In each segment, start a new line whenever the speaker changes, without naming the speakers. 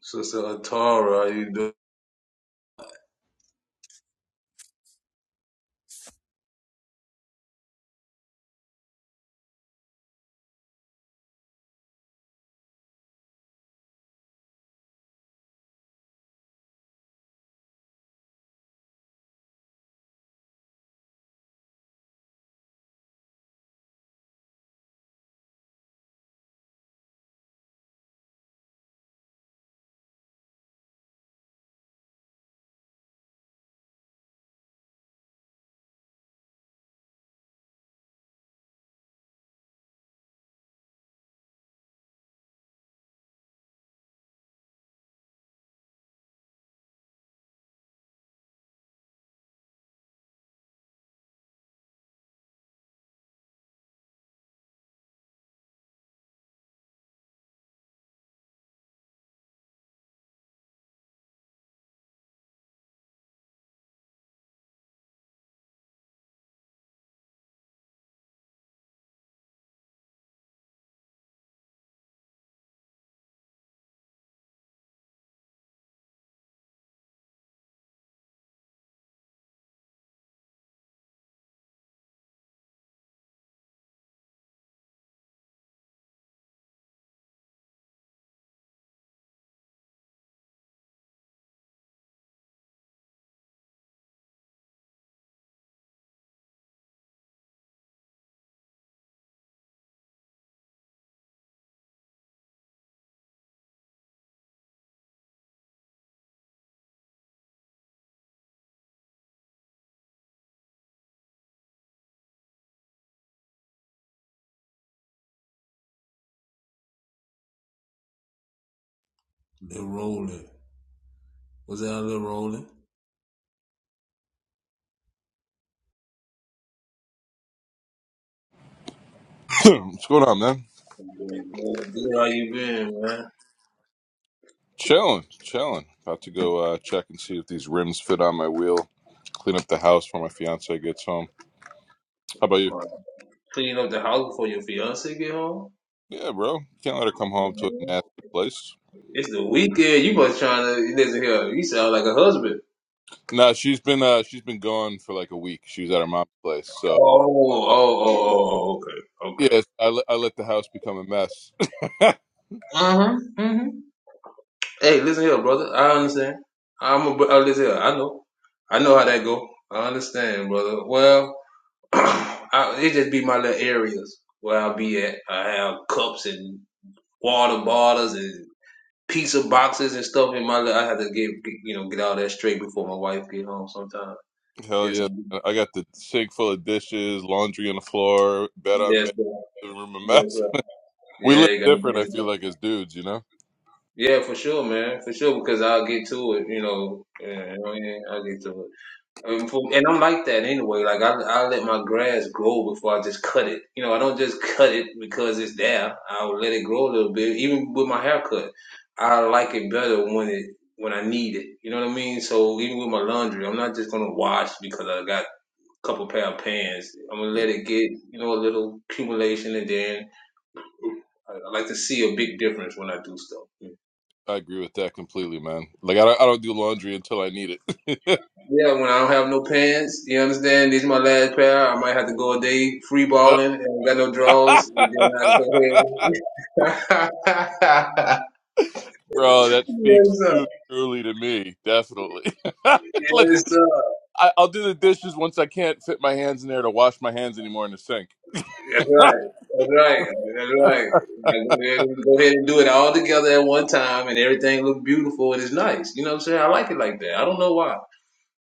Sister Atara, how you doing? They're rolling. Was that a little rolling?
What's going on, man?
I'm doing good. Good, How you been, man?
Chilling, chilling. About to go uh, check and see if these rims fit on my wheel. Clean up the house when my fiance gets home. How about you?
My, cleaning up the house before your fiance get home.
Yeah, bro. Can't let her come home to a
Man,
nasty place.
It's the weekend. You must trying to. He doesn't hear. You sound like a husband.
Nah, she's been uh, she's been gone for like a week. She was at her mom's place, so
Oh, oh, oh, oh. Okay, okay.
yes, I, let- I let the house become a mess.
Uh huh. Mm-hmm. Hey, listen here, brother. I understand. I'm a. br- Uh, listen here. I know. I know how that go. I understand, brother. Well. I, it just be my little areas where I'll be at. I have cups and water bottles and pizza boxes and stuff in my. Little, I have to get, get you know get all that straight before my wife get home. Sometimes.
Hell
Yes.
yeah! I got the sink full of dishes, laundry on the floor, bed on
Yes.
me,
Sir.
the room a
Yes.
mess.
Sir.
we
Yeah.
live
You gotta do
different. I feel
that.
like as dudes, you know.
Yeah, for sure, man. For sure, because I'll get to it. You know. Yeah. I mean? I'll get to it. Um, for, and I'm like that anyway. Like I, I let my grass grow before I just cut it. You know, I don't just cut it because it's there. I'll let it grow a little bit. Even with my haircut, I like it better when it when I need it. You know what I mean? So even with my laundry, I'm not just gonna wash because I got a couple pair of pants. I'm gonna let it get you know a little accumulation, and then I, I like to see a big difference when I do stuff.
I agree with that completely, man. Like I don't, I don't do laundry until I need it.
Yeah, when I don't have no pants, you understand? These are my last pair. I might have to go a day free
Yep.
balling and got no draws. And then I go ahead.
Bro, that
yes,
speaks
sir.
too truly to me. Definitely. Let
Yes,
the,
sir.
I, I'll do the dishes once I can't fit my hands in there to wash my hands anymore in the sink.
That's right. That's right. That's right. I go ahead, and, go ahead and do it all together at one time and everything look beautiful and it's nice. You know what I'm saying? I like it like that. I don't know why.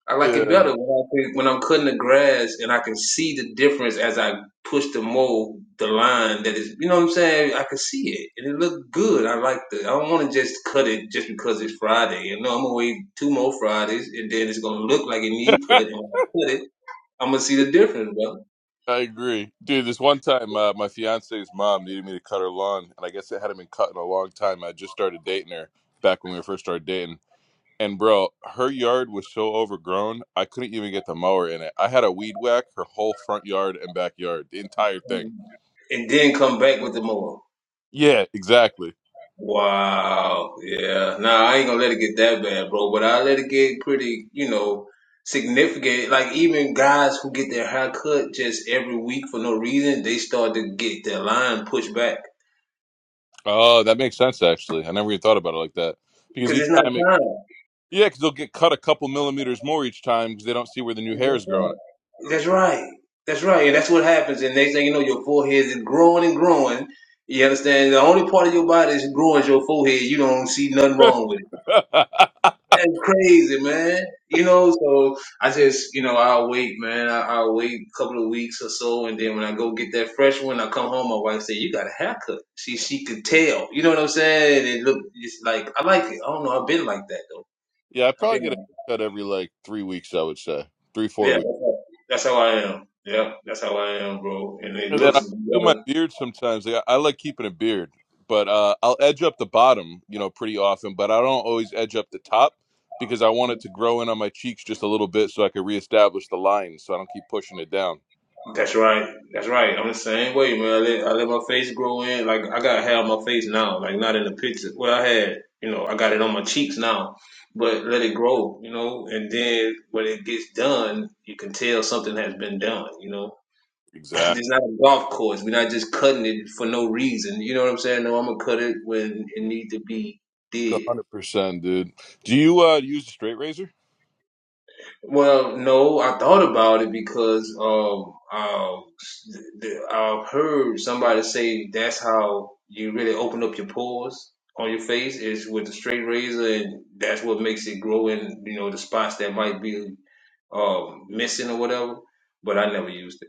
I like it
yeah.
better when I can, when I'm cutting the grass and I can see the difference as I push the mold, the line that is, you know what I'm saying? I can see it and it looked good. I like the. I don't want to just cut it just because it's Friday. You know, I'm gonna wait two more Fridays and then it's gonna look like it need cut.
I
And when I cut it, I'm gonna see the difference, bro.
agree, dude. This one time, uh, my fiance's mom needed me to cut her lawn, and I guess it hadn't been cut in a long time. I just started dating her back when we first started dating, And bro, her yard was so overgrown, I couldn't even get the mower in it. I had a weed whack her whole front yard and backyard, the entire thing.
And then come back with the mower.
Yeah, exactly.
Wow. Yeah. Nah, I ain't gonna let it get that bad, bro. But I let it get pretty, you know, significant. Like even guys who get their hair cut just every week for no reason, they start to get their line pushed back
Oh, that makes sense actually. I never even thought about it like that. Because
because it's
each
not
time it
time.
yeah, because they'll get cut a couple millimeters more each time because they don't see where the new hair is growing.
That's right. That's right. That's right. And that's what happens. And next thing you know, your forehead is growing and growing. You understand? The only part of your body is growing is your forehead. You don't see nothing wrong with it.
yeah,
That's crazy, man. You know, so I just, you know, I'll wait, man. I, I'll wait a couple of weeks or so, and then when I go get that fresh one, I come home. My wife said, "You got a haircut." She she could tell. You know what I'm saying? It look it's like I like it. I don't know. I've been like that though.
I
I've
probably
been
get a
like,
cut every like three weeks. I would say three, four
yeah.
weeks.
That's how, that's how I am. Yeah, that's how I am, bro. And it
And then
looks
I do
better.
my beard sometimes. Like, I, I like keeping a beard, but uh, I'll edge up the bottom, you know, pretty often. But I don't always edge up the top because I want it to grow in on my cheeks just a little bit so I can reestablish the line, so I don't keep pushing it down.
That's right. That's right. I'm the same way, man. I let, I let my face grow in. Like I got hair on my face now. Like not in the picture. Well, I had, you know, I got it on my cheeks now, but let it grow, you know. And then when it gets done, you can tell something has been done, you know.
Exactly,
it's not a golf course. We're not just cutting it for no reason. You know what I'm saying? No, I'm gonna cut it when it need to be
one
did.
hundred percent, dude. Do you uh, use a straight razor?
Well, no, I thought about it because um, um, I've heard somebody say that's how you really open up your pores on your face is with the straight razor, and that's what makes it grow in, you know, the spots that might be um, missing or whatever. But I never used it.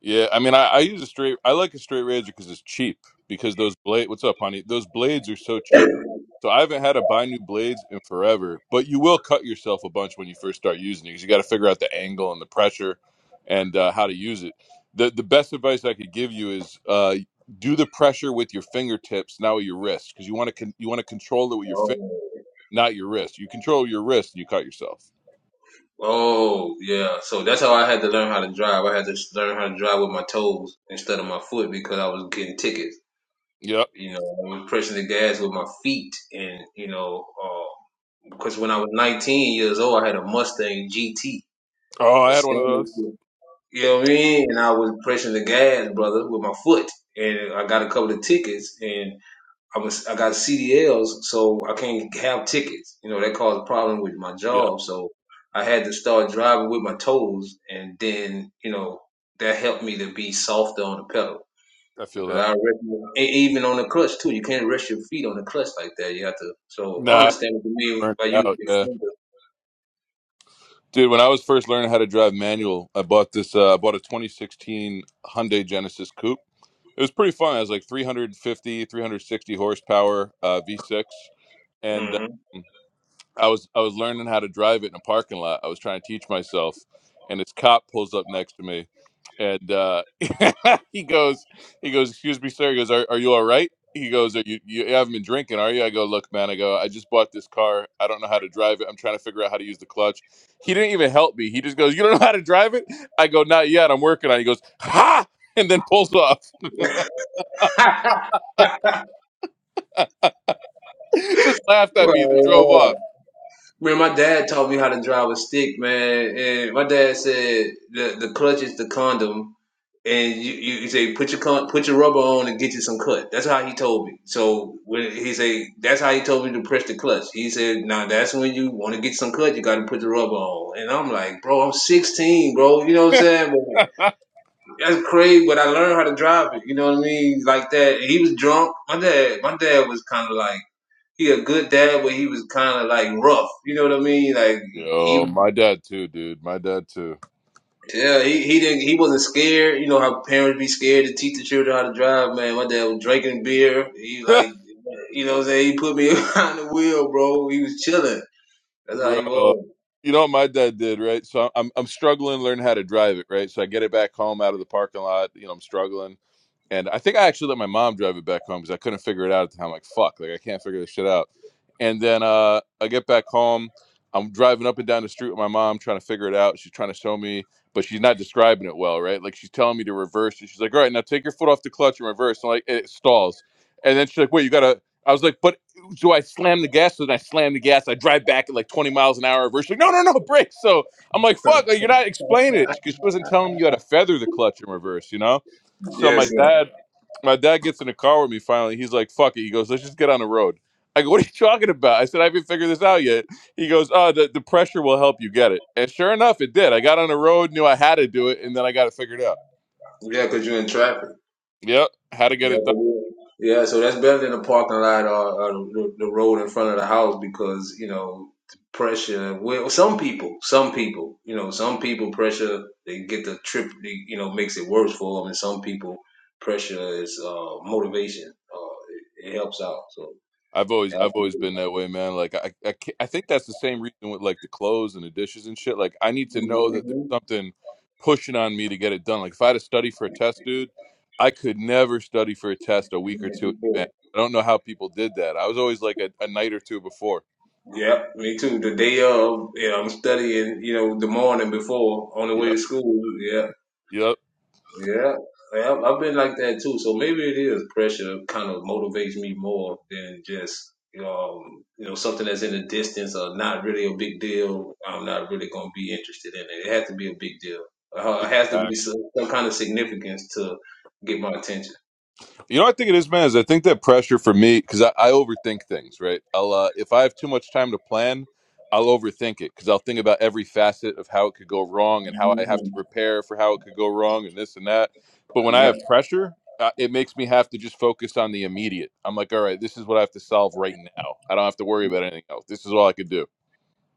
Yeah, I mean, I, I use a straight. I like a straight razor because it's cheap. Because those blade, what's up, honey? Those blades are so cheap. So I haven't had to buy new blades in forever. But you will cut yourself a bunch when you first start using it because you got to figure out the angle and the pressure, and uh, how to use it. the The best advice I could give you is uh, do the pressure with your fingertips, not with your wrist, because you want to con- you want to control it with your finger,
Oh.
not your wrist. You control your wrist, and you cut yourself.
Oh, yeah. So that's how I had to learn how to drive. I had to learn how to drive with my toes instead of my foot because I was getting tickets.
Yep.
You know, I was pressing the gas with my feet, and you know, because when I was 19 years old, I had a Mustang GT,
Oh,
a
I had one of
standard.
those.
You know what I mean? And I was pressing the gas, brother, with my foot, and I got a couple of tickets, and I was I got CDLs, so I can't have tickets. You know, that caused a problem with my
Yeah,
job, so I had to start driving with my toes, and then you know that helped me to be softer on the pedal.
I feel
Because I
that.
already, e- even on the clutch too, you can't rest your feet on the clutch like that. You have to. So I
Nah,
understand what you mean
burnt
by using
out. yeah.
your
Dude, when I was first learning how to drive manual, I bought this. Uh, I bought a 2016 Hyundai Genesis Coupe. It was pretty fun. It was like 350, 360 horsepower uh, V6, and uh,
finger. hmm
I was I was learning how to drive it in a parking lot. I was trying to teach myself, and this cop pulls up next to me, and uh, he goes, he goes, "Excuse me, sir." He goes, "Are, are you all right?" He goes, "Are you you haven't been drinking, are you?" I go, "Look, man," I go, "I just bought this car. I don't know how to drive it. I'm trying to figure out how to use the clutch." He didn't even help me. He just goes, "You don't know how to drive it?" I go, "Not yet. I'm working on." it." He goes, "Ha!" and then pulls off. just laughed at me. Then drove off.
well, man, my dad taught me how to drive a stick, man. And my dad said the the clutch is the condom, and you you, you say put your con- put your rubber on and get you some cut. That's how he told me. So when he say that's how he told me to press the clutch. He said now that's when you want to get some cut, you got to put the rubber on. And I'm like, bro, I'm 16, bro. You know what I'm saying? That's crazy, but I learned how to drive it. You know what I mean? Like that. He was drunk. My dad, my dad was kind of like he a good dad, but he was kind of like rough. You know what I mean? Like
Yo,
he,
my dad too, dude. My dad too.
yeah, he, he didn't, he wasn't scared. You know how parents be scared to teach the children how to drive. Man, my dad was drinking beer. He like, you know, what I'm saying he put me behind the wheel, bro. He was chilling. That's how he
Bro,
was.
you know what my dad did, right? So I'm I'm struggling to learn how to drive it, right? So I get it back home out of the parking lot. You know, I'm struggling and I think I actually let my mom drive it back home because I couldn't figure it out at the time. Like fuck, like I can't figure this shit out. And then uh, I get back home, I'm driving up and down the street with my mom trying to figure it out. She's trying to show me, but she's not describing it well, right? Like she's telling me to reverse, and she's like, "All right, now take your foot off the clutch and reverse." And like it stalls, and then she's like, "Wait, you gotta." I was like, "But do I slam the gas?" So then I slam the gas. I drive back at like 20 miles an hour. Reverse. She's like, "No, no, no, brake." So I'm like, "Fuck!" Like you're not explaining it because she wasn't telling me you had to feather the clutch in reverse, you know? So
Yes,
my
sir.
dad, my dad gets in the car with me. Finally, he's like, "Fuck it." He goes, "Let's just get on the road." I go, "What are you talking about?" I said, "I haven't figured this out yet." He goes, "Oh, the, the pressure will help you get it." And sure enough, it did. I got on the road, knew I had to do it, and then I got it figured out.
Yeah, cause you are in traffic.
Yep, how to get it done.
Yeah, so that's better than the parking lot or, or the, the road in front of the house because you know the pressure. Well, some people, some people, you know, some people pressure they get the trip, they, you know, makes it worse for them, and some people pressure is uh, motivation. Uh, it, it helps out. So
I've always I've always been that way, man. Like I I, ca- I think that's the same reason with like the clothes and the dishes and shit. Like I need to know that there's
mm-hmm.
something pushing on me to get it done. Like if I had to study for a test, dude, I could never study for a test a week or two in advance. I don't know how people did that. I was always like a, a night or two before.
yeah, me too. The day of, yeah, I'm studying. You know, the morning before on the way to
Yep.
school. Yeah,
Yep.
Yeah, yeah, I've been like that too. So maybe it is pressure kind of motivates me more than just um, you know something that's in the distance or not really a big deal. I'm not really going to be interested in it. It has to be a big deal. Uh, it has to be some, some kind of significance to get my attention.
You know, I think it is, man. Is I think that pressure for me because I, I overthink things, right? I'll uh, if I have too much time to plan, I'll overthink it because I'll think about every facet of how it could go wrong and how I have to
Mhm.
prepare for how it could go wrong and this and that. But when I have pressure, uh, it makes me have to just focus on the immediate. I'm like, all right, this is what I have to solve right now. I don't have to worry about anything else. This is all I could do.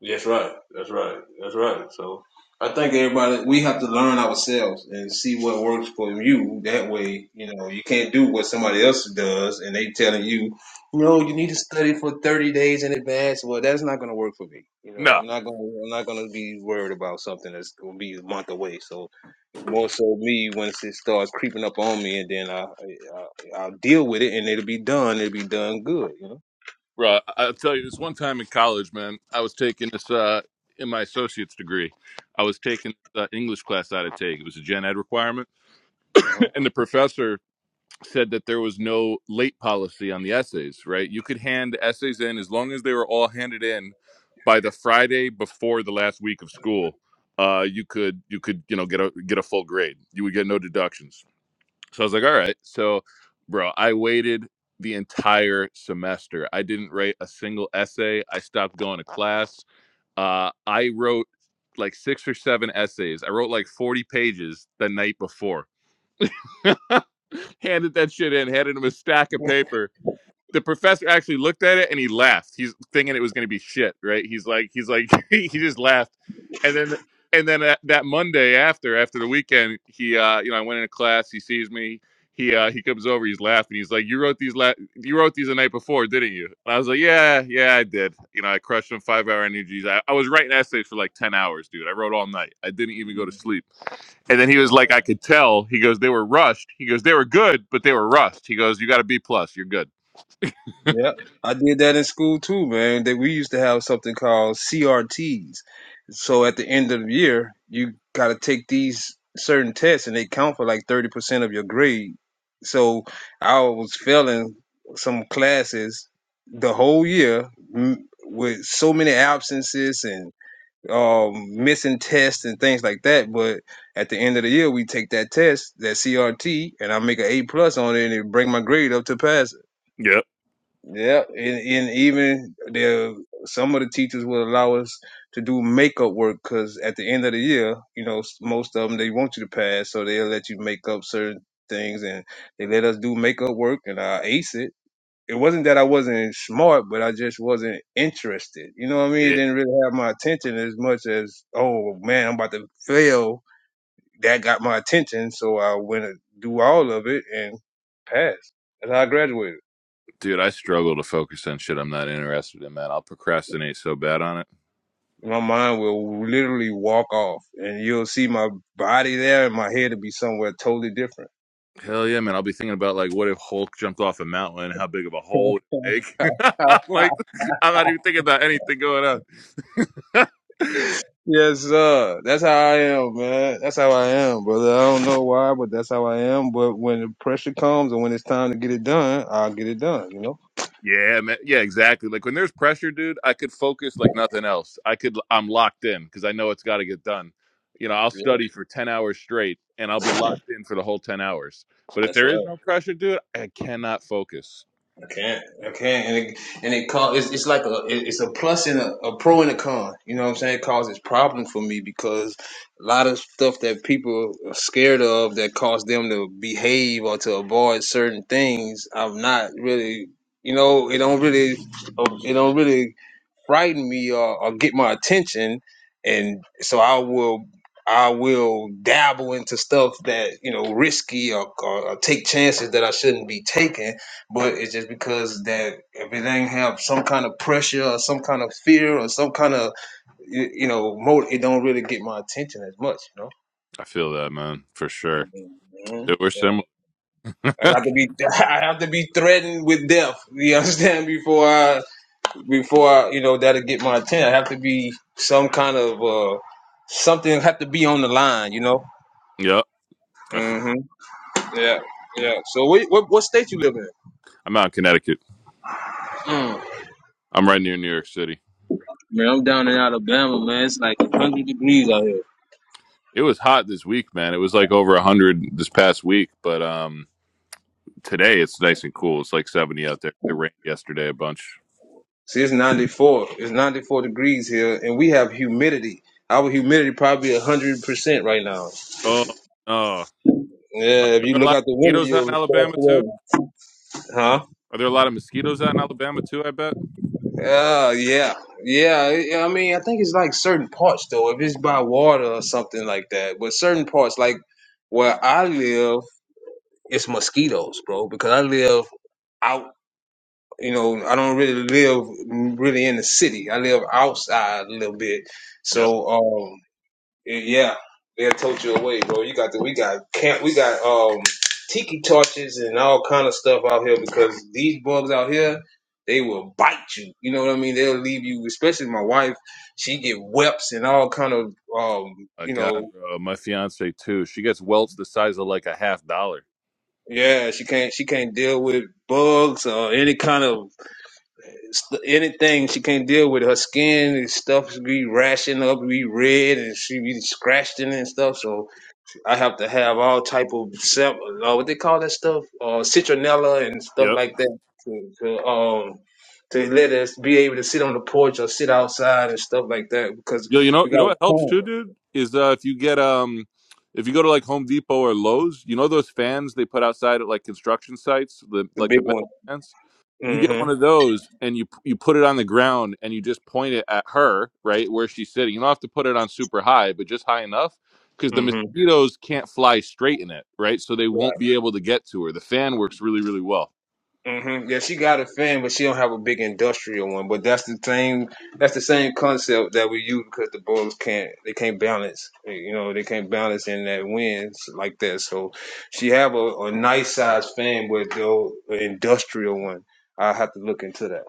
That's right. That's right. That's right. So I think everybody we have to learn ourselves and see what works for you. That way, you know, you can't do what somebody else does and they telling you, you know, you need to study for thirty days in advance. Well, that's not gonna work for me. You know,
No.
I'm not gonna I'm not gonna be worried about something that's gonna be a month away. So it's more so me once it starts creeping up on me, and then I, I I'll deal with it, and it'll be done. It'll be done good. You
Right. I- will tell you, this one time in college, man, I was taking this uh, in my associate's degree. I was taking the English class I had to take. It was a gen ed requirement.
know.
And the professor said that there was no late policy on the essays, right? You could hand essays in as long as they were all handed in by the Friday before the last week of school. Uh, you could you could you know get a get a full grade. You would get no deductions. So I was like, all right. So, bro, I waited the entire semester. I didn't write a single essay. I stopped going to class. Uh, I wrote like six or seven essays. I wrote like 40 pages the night before. handed that shit in, handed him a stack of paper the professor actually looked at it and he laughed. He's thinking it was going to be shit, right? He's like, he's like, he just laughed, and then and then that, that Monday after after the weekend, he uh, you know I went into class. He sees me. He uh, he comes over. He's laughing. He's like, you wrote these la- you wrote these the night before, didn't you? And I was like, yeah, yeah, I did. You know, I crushed them five hour energies. I, I was writing essays for like ten hours, dude. I wrote all night. I didn't even go to
Uh-huh.
sleep. And then he was like, I could tell. He goes, they were rushed. He goes, they were good, but they were rushed. He goes, you got a B plus. You're good.
Yeah, I did that in school too, man. That we used to have something called CRTs. So at the end of the year, you got to take these certain tests, and they count for like thirty percent of your grade. So I was failing some classes the whole year m- with so many absences and um, missing tests and things like that. But at the end of the year, we take that test, that CRT, and I make an A plus on it, and it bring my grade up to pass
Yep.
yeah, and, and even the some of the teachers will allow us to do makeup work because at the end of the year, you know, s- most of them they want you to pass, so they'll let you make up certain things, and they let us do makeup work, and I ace it. It wasn't that I wasn't smart, but I just wasn't interested. You know what I mean? It
Yeah.
didn't really have my attention as much as, oh man, I'm about to fail. That got my attention, so I went to do all of it and passed. That's how I graduated.
Dude, I struggle to focus on shit I'm not interested in, man. I'll procrastinate so bad on it.
My mind will literally walk off, and you'll see my body there, and my head will be somewhere totally different.
Hell yeah, man. I'll be thinking about like what if Hulk jumped off a mountain, how big of a hole would it make? like I'm not even thinking about anything going on.
Yes, sir. That's how I am, man. That's how I am, brother. I don't know why, but that's how I am. But when the pressure comes and when it's time to get it done, I'll get it done. You know.
yeah, man. Yeah, exactly. Like when there's pressure, dude, I could focus like nothing else. I could I'm locked in because I know it's gotta get done. You know, I'll
Yeah,
study for ten hours straight and I'll be locked in for the whole ten hours. But if
that's
there
right.
is no pressure, dude, I cannot focus.
Okay, okay, and it, and it cause it's, it's like a it- it's a plus and a, a pro and a con. You know what I'm saying? It causes problem for me because a lot of stuff that people are scared of that cause them to behave or to avoid certain things. I'm not really, you know, it don't really, it don't really frighten me or, or get my attention and so i will i will dabble into stuff that you know risky or, or, or take chances that i shouldn't be taking but it's just because that if it ain't have some kind of pressure or some kind of fear or some kind of you, you know motive it don't really get my attention as much you know
I feel that, man, for sure.
Mhm.
Dude, we're
Yeah.
similar.
I got to be I have to be threatened with death. You understand? Before I before I, you know that'll get my attention. I have to be some kind of uh something have to be on the line, you know.
yep. I feel,
hmm Yeah, yeah. So what, what what state you live in?
I'm out in Connecticut.
Mm.
I'm right near New York City.
Man, I'm down in Alabama, man. It's like 100 degrees out here.
It was hot this week, man. It was like over 100 this past week, but um, today it's nice and cool. It's like 70 out there. It rained yesterday a bunch.
See, it's 94. It's 94 degrees here, and we have humidity. Our humidity probably 100% right now.
Oh, no. Are
Yeah, if you
there a
look
lot of
out the window,
mosquitoes out
you'll
in Alabama, too?
be Huh?
Are there a lot of mosquitoes out in Alabama, too, I bet?
Uh, yeah, yeah. I I mean, I think it's like certain parts though. If it's by water or something like that, but certain parts, like where I live, it's mosquitoes, bro. Because I live out, you know, I don't really live really in the city. I live outside a little bit,
Yep.
so um, yeah, they'll tote you away, bro. You got the we got camp, we got um tiki torches and all kind of stuff out here because these bugs out here they will bite you. You know what I mean? They'll leave you. Especially my wife, she get whelps and all kind of um
My
you
God,
know
bro. My fiance, too. She gets welts the size of like a half dollar.
yeah she can't she can't deal with bugs or any kind of st- anything she can't deal with her skin and stuff be rashing up be red and she be scratched in it and stuff so I have to have all type of sep- uh, what they call that stuff, uh, citronella and stuff
Yep.
like that to, to um to let us be able to sit on the porch or sit outside and stuff like that because
Yo, you know,
we
you
got
know
a
what helps
pond,
too, dude, is uh, if you get um, if you go to like Home Depot or Lowe's, you know those fans they put outside at like construction sites, the
the
like
big
the
one.
metal fans. You get one
Mm-hmm.
of those and you you put it on the ground and you just point it at her, right where she's sitting. You don't have to put it on super high, but just high enough because the
Mm-hmm.
mosquitoes can't fly straight in it, right? So they
Yeah.
won't be able to get to her. The fan works really, really well.
hmm Yeah, she got a fan, but she don't have a big industrial one. But that's the same. That's the same concept that we use because the Bulls can't. They can't balance. You know, they can't balance in that wins like that. So she have a, a nice size fan, but though an industrial one. I have to look into that.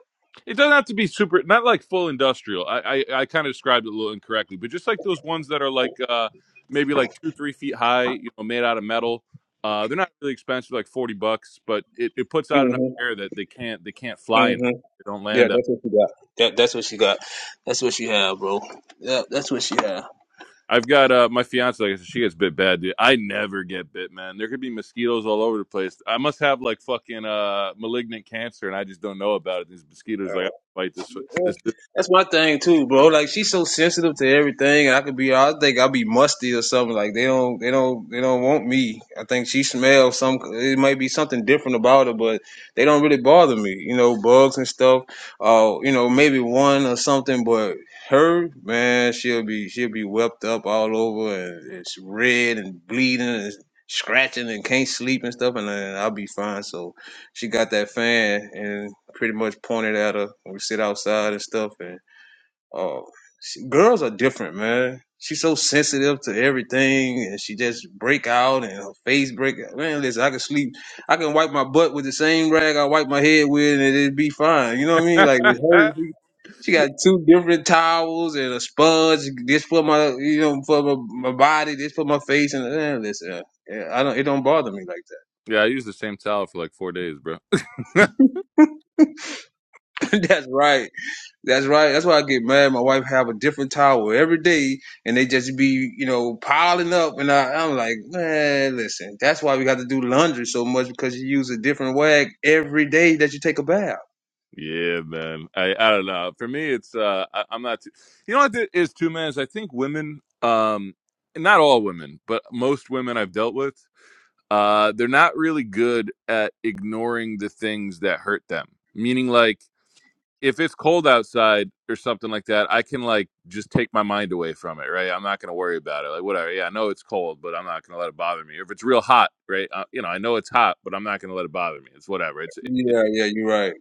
It doesn't have to be super, not like full industrial. I I, I kind of described it a little incorrectly, but just like those ones that are like uh, maybe like two three feet high, you know, made out of metal. Uh, they're not really expensive, like forty bucks, but it, it puts out enough
hmm
air that they can't they can't fly in.
hmm
They don't
Yeah,
land up.
that's what she got. That, that's what she got. That's what she have, bro. Yeah, that's what she have.
I've got uh, my fiance. Like I said, she gets bit bad, dude. I never get bit, man. There could be mosquitoes all over the place. I must have like fucking uh malignant cancer, and I just don't know about it. These mosquitoes, like, I don't fight this this. dude.
That's my thing too, bro. Like she's so sensitive to everything, and I could be, I think I'll be musty or something. Like they don't, they don't, they don't want me. I think she smells some. It might be something different about her, but they don't really bother me. You know, bugs and stuff. Uh, you know, maybe one or something, but her man, she'll be, she'll be wept up all over, and it's red and bleeding and scratching and can't sleep and stuff, and then I'll be fine. So she got that fan and pretty much pointed at her. when We sit outside and stuff, and oh, she, girls are different, man. She's so sensitive to everything, and she just break out, and her face break out. Man, listen, I can sleep, I can wipe my butt with the same rag I wipe my head with, and it'd be fine. You know what I mean? Like with her, she, she got two different towels and a sponge. This for my, you know, for my, my body, this for my face, and eh, listen, yeah, I don't. It don't bother me like
yeah, I used the same towel for like four days, bro.
that. That's right. That's right. That's why I get mad. My wife have a different towel every day, and they just be, you know, piling up. And I, I'm like, man, listen. That's why we got to do laundry so much because you use a different rag every day that you take a bath.
yeah, man. I I don't know. For me, it's uh, I, I'm not. Too, you know what it is too, man. Is I think women, um, not all women, but most women I've dealt with, uh, they're not really good at ignoring the things that hurt them. Meaning, like if it's cold outside or something like that, I can like just take my mind away from it, right? I'm not gonna worry about it. Like whatever. Yeah, I know it's cold, but I'm not gonna let it bother me. Or if it's real hot, right? Uh, you know, I know it's hot, but I'm not gonna let it bother me. It's whatever. It's it,
Yeah, yeah, you're right.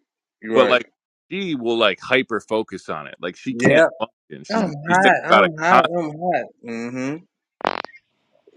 You're
but
right.
like she will like hyper focus on it. Like she can't
Yeah,
function. She's
I'm
she's thinking
hot.
about it
I'm hot.
constantly.
I'm hot. Mm-hmm.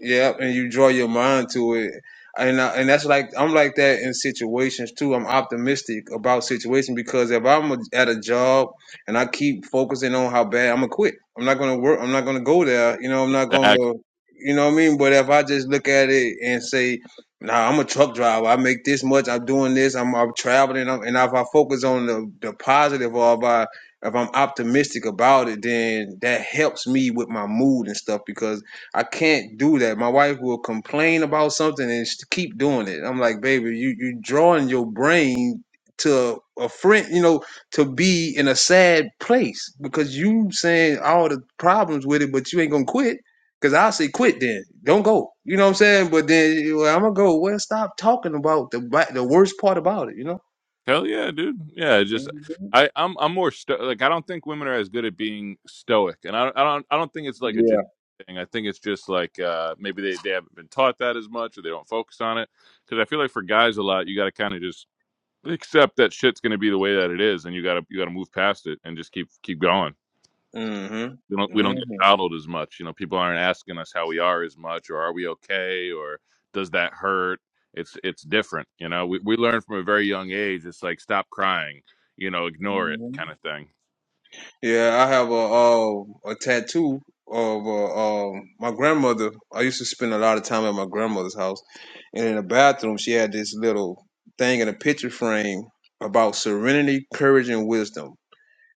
Yep, and you draw your mind to it, and I, and that's like I'm like that in situations too. I'm optimistic about situations because if I'm a, at a job and I keep focusing on how bad I'm gonna quit, I'm not gonna work. I'm not gonna go there. You know, I'm not
Exactly.
gonna. You know what I mean? But if I just look at it and say, "Nah, I'm a truck driver. I make this much. I'm doing this. I'm, I'm traveling." I'm, and if I focus on the the positive, or if I if I'm optimistic about it, then that helps me with my mood and stuff because I can't do that. My wife will complain about something and she keep doing it. I'm like, baby, you you drawing your brain to a friend, you know, to be in a sad place because you saying all the problems with it, but you ain't gonna quit. Cause I say quit then, don't go. You know what I'm saying? But then you- well, I'm gonna go. Well, stop talking about the ba- the worst part about it. You know?
Hell yeah, dude. Yeah, it just
Mhm.
I I'm I'm more sto- like I don't think women are as good at being stoic, and I don't I don't I don't think it's like a
Yeah.
genetic thing. I think it's just like uh maybe they they haven't been taught that as much, or they don't focus on it. Because I feel like for guys a lot, you got to kind of just accept that shit's going to be the way that it is, and you got to you got to move past it and just keep keep going.
hmm
we don't we don't get coddled as much. You know, people aren't asking us how we are as much, or are we okay, or does that hurt? It's it's different. You know, we we learn from a very young age. It's like stop crying, you know, ignore it,
hmm
kind of thing.
Yeah, I have a um a tattoo of uh, um my grandmother. I used to spend a lot of time at my grandmother's house, and in the bathroom, she had this little thing in a picture frame about serenity, courage, and wisdom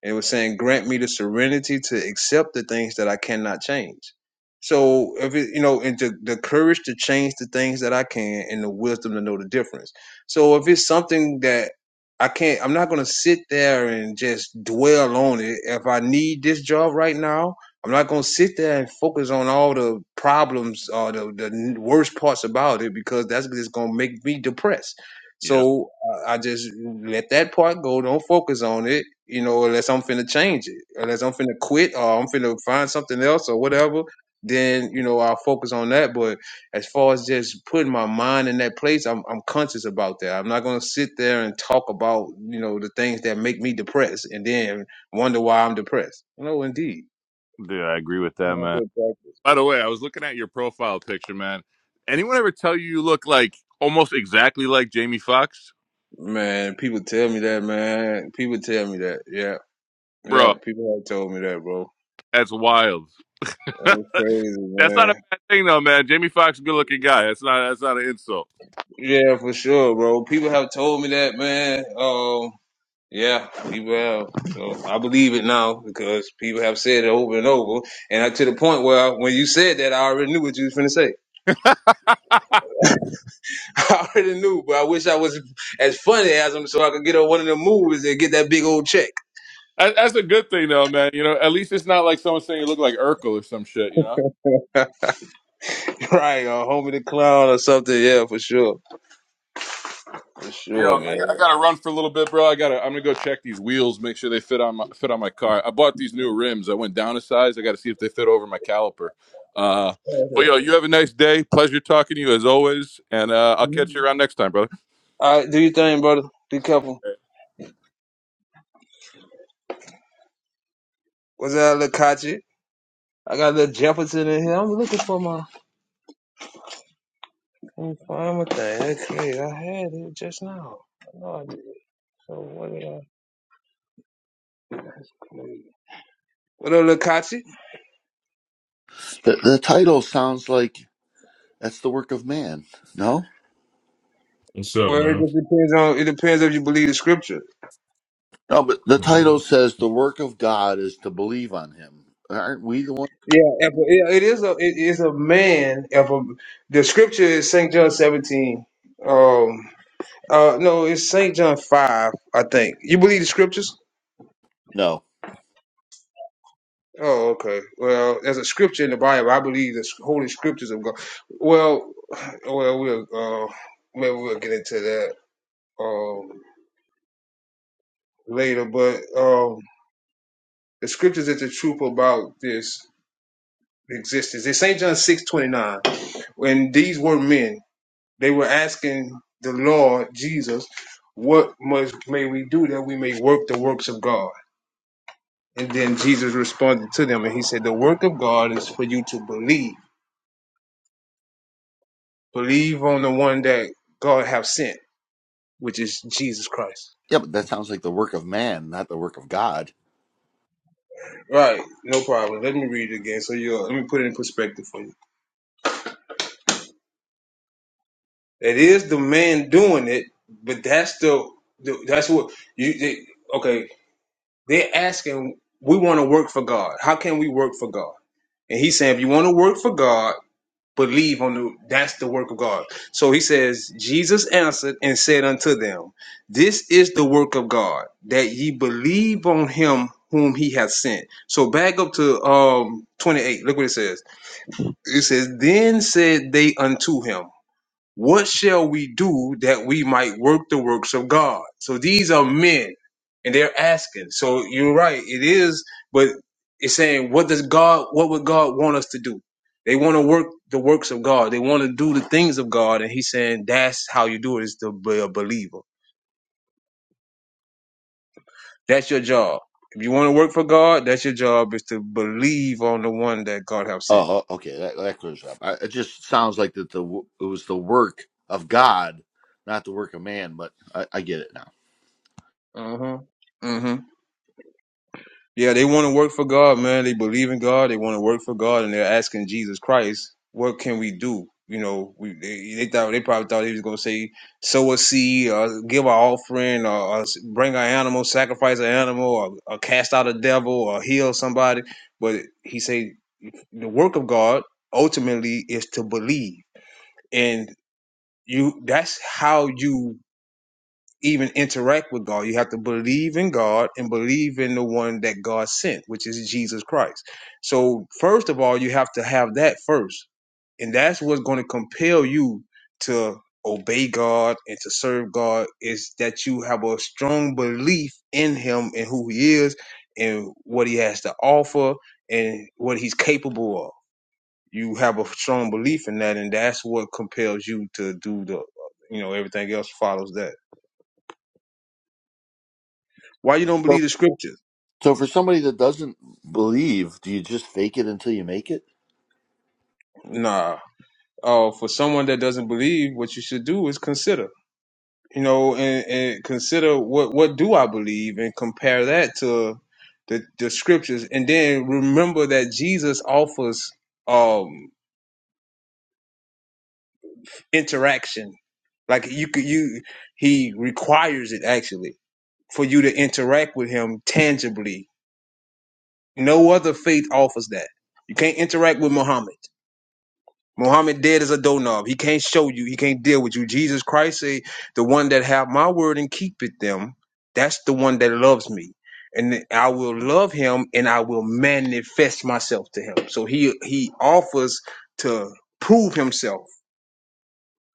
and it was saying, "Grant me the serenity to accept the things that I cannot change." So, if it, you know, and to, the courage to change the things that I can, and the wisdom to know the difference. So, if it's something that I can't, I'm not going to sit there and just dwell on it. If I need this job right now, I'm not going to sit there and focus on all the problems or the, the worst parts about it because that's just going to make me depressed.
Yep,
So I just let that part go. Don't focus on it, you know, unless I'm finna change it, unless I'm finna quit or I'm finna find something else or whatever. Then you know I'll focus on that. But as far as just putting my mind in that place, I'm I'm conscious about that. I'm not gonna sit there and talk about you know the things that make me depressed and then wonder why I'm depressed. No, indeed.
dude, I agree with that,
Not
man.
good practice.
By the way, I was looking at your profile picture, man. Anyone ever tell you you look like almost exactly like Jamie Foxx,
Man, people tell me that, man. People tell me that. Yeah, yeah.
bro?
People have told me that, bro.
That's wild.
That's crazy,
that's
man.
not a bad thing though, man. Jamie Foxx, good looking guy. That's not that's not an insult.
Yeah, for sure, bro. People have told me that, man. Um, yeah, people have. So I believe it now because people have said it over and over, and I, to the point where when you said that, I already knew what you was finna say. I already knew, but I wish I was as funny as them so I could get on one of the movies and get that big old check,
That- That's a good thing, though, man. You know, at least it's not like someone saying you look like Urkel or some shit. You know.
right? Or Homie the Clown or something. Yeah, for sure, for
Yo,
sure,
I, got- I
man.
gotta run for a little bit, bro. I gotta. I'm gonna go check these wheels, make sure they fit on my fit on my car. I bought these new rims. I went down a size. I gotta see if they fit over my caliper. Uh, but
Okay.
yo, you have a nice day. Pleasure talking to you as always, and uh, I'll
Mhm.
catch you around next time, brother.
All right, do your thing, brother. Be careful. What's that, little Kachi? I got a little Jefferson in here. I'm looking for my. I'm fine with that. That's great. I had it just now. I know I did. So what did I? What up, Lakachi?
The, the title sounds like that's the work of man. No,
What's up,
Well, it
man?
just depends on. It depends if you believe the scripture.
no, but the
Yeah. man.
title says the work of God is to believe on Him. Aren't we the one?
Yeah, if a, it it is a it is a man. If a, the scripture is Saint John seventeen. Um. Uh. No, it's Saint John five. I think you believe the scriptures.
No.
Oh, okay. Well, there's a scripture in the Bible. I believe the holy scriptures of God. Well, well, we'll uh, maybe we'll get into that. Um, later, but um, the scriptures is the truth about this existence. In St. John six twenty nine, when these were men, they were asking the Lord Jesus, What must may we do that we may work the works of God? And then Jesus responded to them and he said, The work of God is for you to believe. Believe on the one that God have sent, which is Jesus Christ.
Yeah, but that sounds like the work of man, not the work of God.
Right, no problem. Let me read it again. So you let me put it in perspective for you. It is the man doing it, but that's the, the that's what you they, okay. They're asking, we want to work for God. How can we work for God? And he's saying, if you want to work for God, believe on the that's the work of God. So he says, Jesus answered and said unto them, This is the work of God, that ye believe on him whom he hath sent. So back up to um 28. Look what it says. It says, Then said they unto him. What shall we do that we might work the works of God? So these are men and they're asking. So you're right. It is, but it's saying, what does God, what would God want us to do? They want to work the works of God. They want to do the things of God. And he's saying, that's how you do it is to be a believer. That's your job. If you want to work for God, that's your job is to believe on the one that God have sent.
Oh, oh, okay, that, that clears it up. I, it just sounds like that the w- it was the work of God, not the work of man. But I, I get it now.
hmm hmm Yeah, they want to work for God, man. They believe in God. They want to work for God, and they're asking Jesus Christ, "What can we do?" You know, we, they, they thought they probably thought he was going to say, "Sow a seed, or give our offering, or, or s- bring an animal, sacrifice an animal, or, or cast out a devil, or heal somebody." But he said, the work of God ultimately is to believe, and you—that's how you even interact with God. You have to believe in God and believe in the one that God sent, which is Jesus Christ. So, first of all, you have to have that first. And that's what's going to compel you to obey God and to serve God is that you have a strong belief in Him and who He is and what He has to offer and what He's capable of. You have a strong belief in that, and that's what compels you to do the, you know, everything else follows that. Why you don't
So,
believe the scriptures?
so for somebody that doesn't believe, do you just fake it until you make it?
Nah. Uh, for someone that doesn't believe, what you should do is consider, you know, and, and consider what what do I believe, and compare that to the the scriptures, and then remember that Jesus offers um interaction. Like you could you he requires it actually for you to interact with him tangibly. No other faith offers that. You can't interact with Muhammad. Muhammad dead is a doorknob. He can't show you. He can't deal with you. Jesus Christ say, "The one that have my word and keep it them, that's the one that loves me, and I will love him, and I will manifest myself to him." So he he offers to prove himself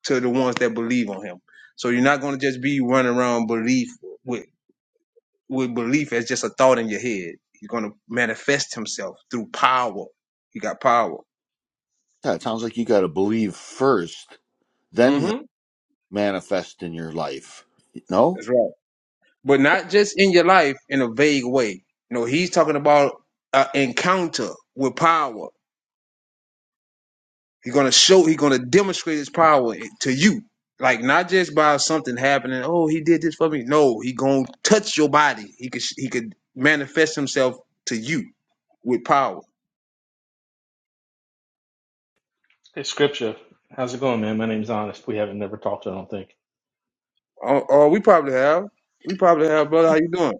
to the ones that believe on him. So you're not going to just be running around belief with with belief as just a thought in your head. You're going to manifest himself through power. He got power.
Yeah, it sounds like you got to believe first, then you.
hmm
manifest in your life. No?
That's right. but not just in your life in a vague way. You know, he's talking about an encounter with power. He's gonna show, he's gonna demonstrate his power to you. Like not just by something happening. Oh, he did this for me. No, he gonna touch your body. He could he could manifest himself to you with power.
Hey, Scripture, how's it going, man? My name's Honest. We haven't never talked, I don't think.
Oh, oh, we probably have. We probably have, brother. How you doing?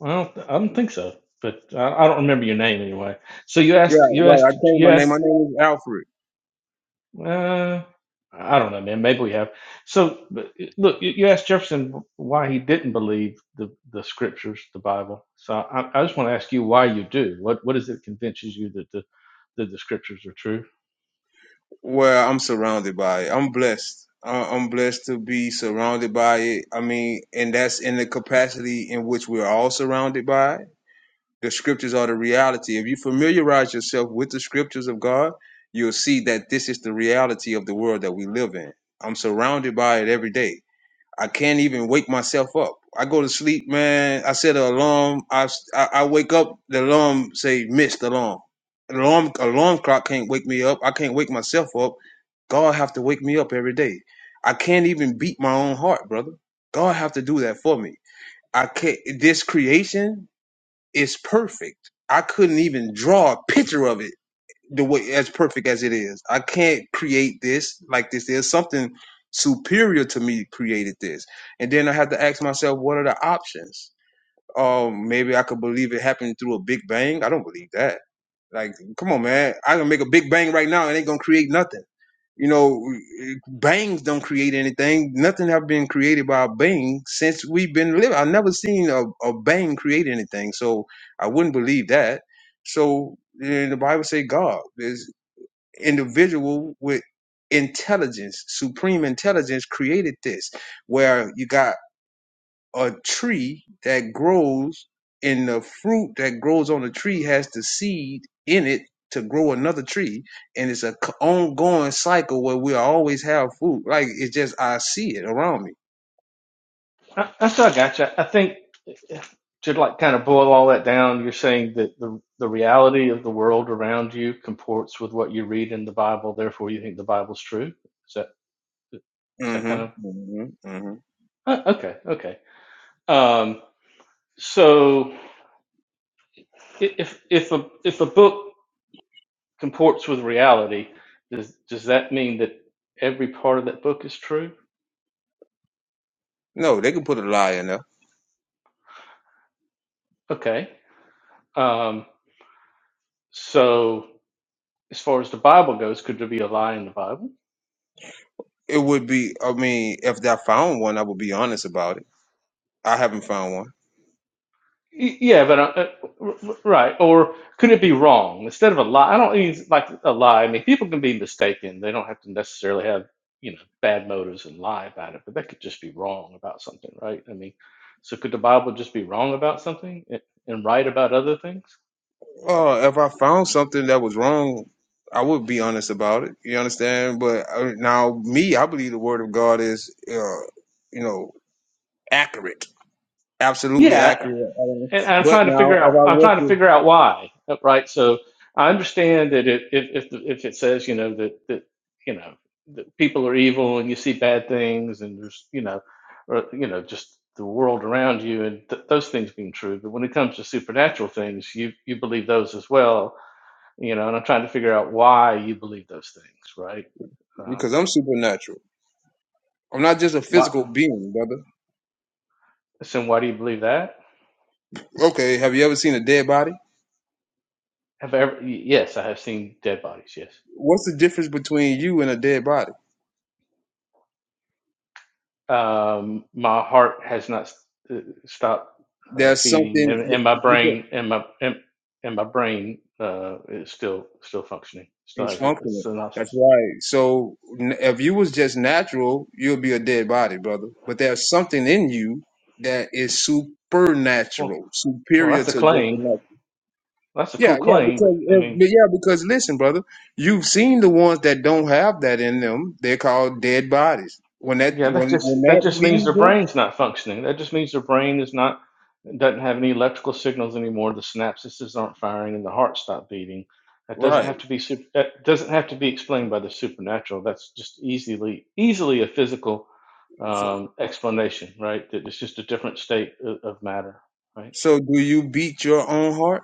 Well, I don't think so, but I, I don't remember your name anyway. So you
Yeah,
asked, you
right. I
asked,
changed
you
my name.
asked.
My name is Alfred.
Uh, I don't know, man. Maybe we have. So but, look, you you asked Jefferson why he didn't believe the the scriptures, the Bible. So I, I just want to ask you why you do. What what is it that convinces you that the that the scriptures are true?
Well, I'm surrounded by it. I'm blessed. I- I'm blessed to be surrounded by it. I mean, and that's in the capacity in which we're all surrounded by it. The scriptures are the reality. If you familiarize yourself with the scriptures of God, you'll see that this is the reality of the world that we live in. I'm surrounded by it every day. I can't even wake myself up. I go to sleep, man. I set an alarm. I I I wake up. The alarm say missed alarm. Alarm alarm clock can't wake me up. I can't wake myself up. God have to wake me up every day. I can't even beat my own heart, brother. God have to do that for me. I can't. This creation is perfect. I couldn't even draw a picture of it the way as perfect as it is. I can't create this like this. There's something superior to me created this. And then I have to ask myself, what are the options? Um, maybe I could believe it happened through a big bang. I don't believe that. Like, come on, man. I can make a big bang right now and ain't gonna create nothing. You know, bangs don't create anything. Nothing have been created by a bang since we've been living. I've never seen a, a bang create anything. So I wouldn't believe that. So and the Bible say God. is individual with intelligence, supreme intelligence created this, where you got a tree that grows and the fruit that grows on the tree has the seed in it to grow another tree and it's a c- ongoing cycle where we always have food like it's just i see it around me
I, I still got you. I think to like kind of boil all that down, you're saying that the the reality of the world around you comports with what you read in the Bible. Therefore, you think the Bible's true. Is that is that kind of
mm-hmm, mm-hmm, mm-hmm.
uh, okay? Okay. Um, so, if if a if a book comports with reality, does does that mean that every part of that book is true?
no they can put a lie in there
Okay. Um, so, as far as the Bible goes, could there be a lie in the Bible?
it would be i mean if i found one i would be honest about it i haven't found one
Y- Yeah, but uh, uh, r- right. Or could it be wrong instead of a lie? I don't mean like a lie. I mean people can be mistaken. They don't have to necessarily have you know bad motives and lie about it, but they could just be wrong about something, right? I mean, so could the Bible just be wrong about something a- and right about other things?
Uh, if I found something that was wrong, I would be honest about it. You understand? But uh, now, me, I believe the word of God is, uh, you know, accurate, absolutely
Yeah,
accurate. I don't- know.
and I'm
But
trying to
now,
figure
if
out
I
I'm
was
trying to
to,
figure out why, right? So I understand that it, if if the- if it says you know that that you know that people are evil and you see bad things and there's you know or you know just the world around you and th- those things being true, but when it comes to supernatural things, you you believe those as well, you know. And I'm trying to figure out why you believe those things, right? Um,
because I'm supernatural, I'm not just a
what?
physical being, brother.
So why do you believe that?
Okay, have you ever seen a dead body?
Have I ever? y- Yes, I have seen dead bodies. Yes.
What's the difference between you and a dead body?
um, my heart has not uh, stopped uh,
There's
beating, and,
something.
and my brain and my and, and my brain uh, is still still functioning. Still
It's
has a, a
functional. That's
synopsis.
right. So n- if you was just natural, you'll be a dead body, brother. But there's something in you that is
Well,
supernatural,
well,
superior to
that's a
just a
claim.
natural.
That's a
Yeah,
cool
yeah,
claim, but
because
I
if,
mean,
but yeah, because listen, brother, you've seen the ones that don't have that in them. They're called dead bodies. When that
Yeah, that
when when
just that
that
just means
leaves
their
them,
brain's not functioning. That just means their brain is not doesn't have any electrical signals anymore. The synapses aren't firing, and the heart stopped beating. That doesn't
right?
have to be sup- that doesn't have to be explained by the supernatural. That's just easily easily a physical
So,
um, explanation, right? That it's just a different state of, of matter, right?
so do you beat your own heart,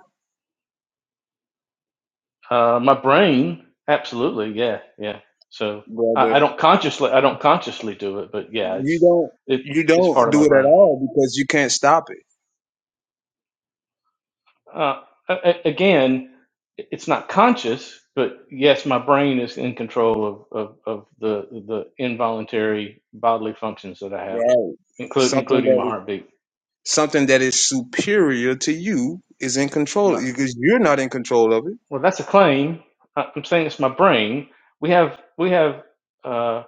Uh, my brain, absolutely, yeah, yeah. So I, I
brother?
don't consciously I don't consciously do it, but yeah,
You
it's
don't.
it
You
it's part
don't
of
do
my
it at
brain.
all because you can't stop it.
Uh, again, it's not conscious, but yes, my brain is in control of, of, of the the involuntary bodily functions that I have,
Right.
include,
Something
including
that
my
is.
heartbeat.
Something that is superior to you is in control
My,
because you're not in control of it.
well, that's a claim. I- I'm saying it's my brain. We have we have uh,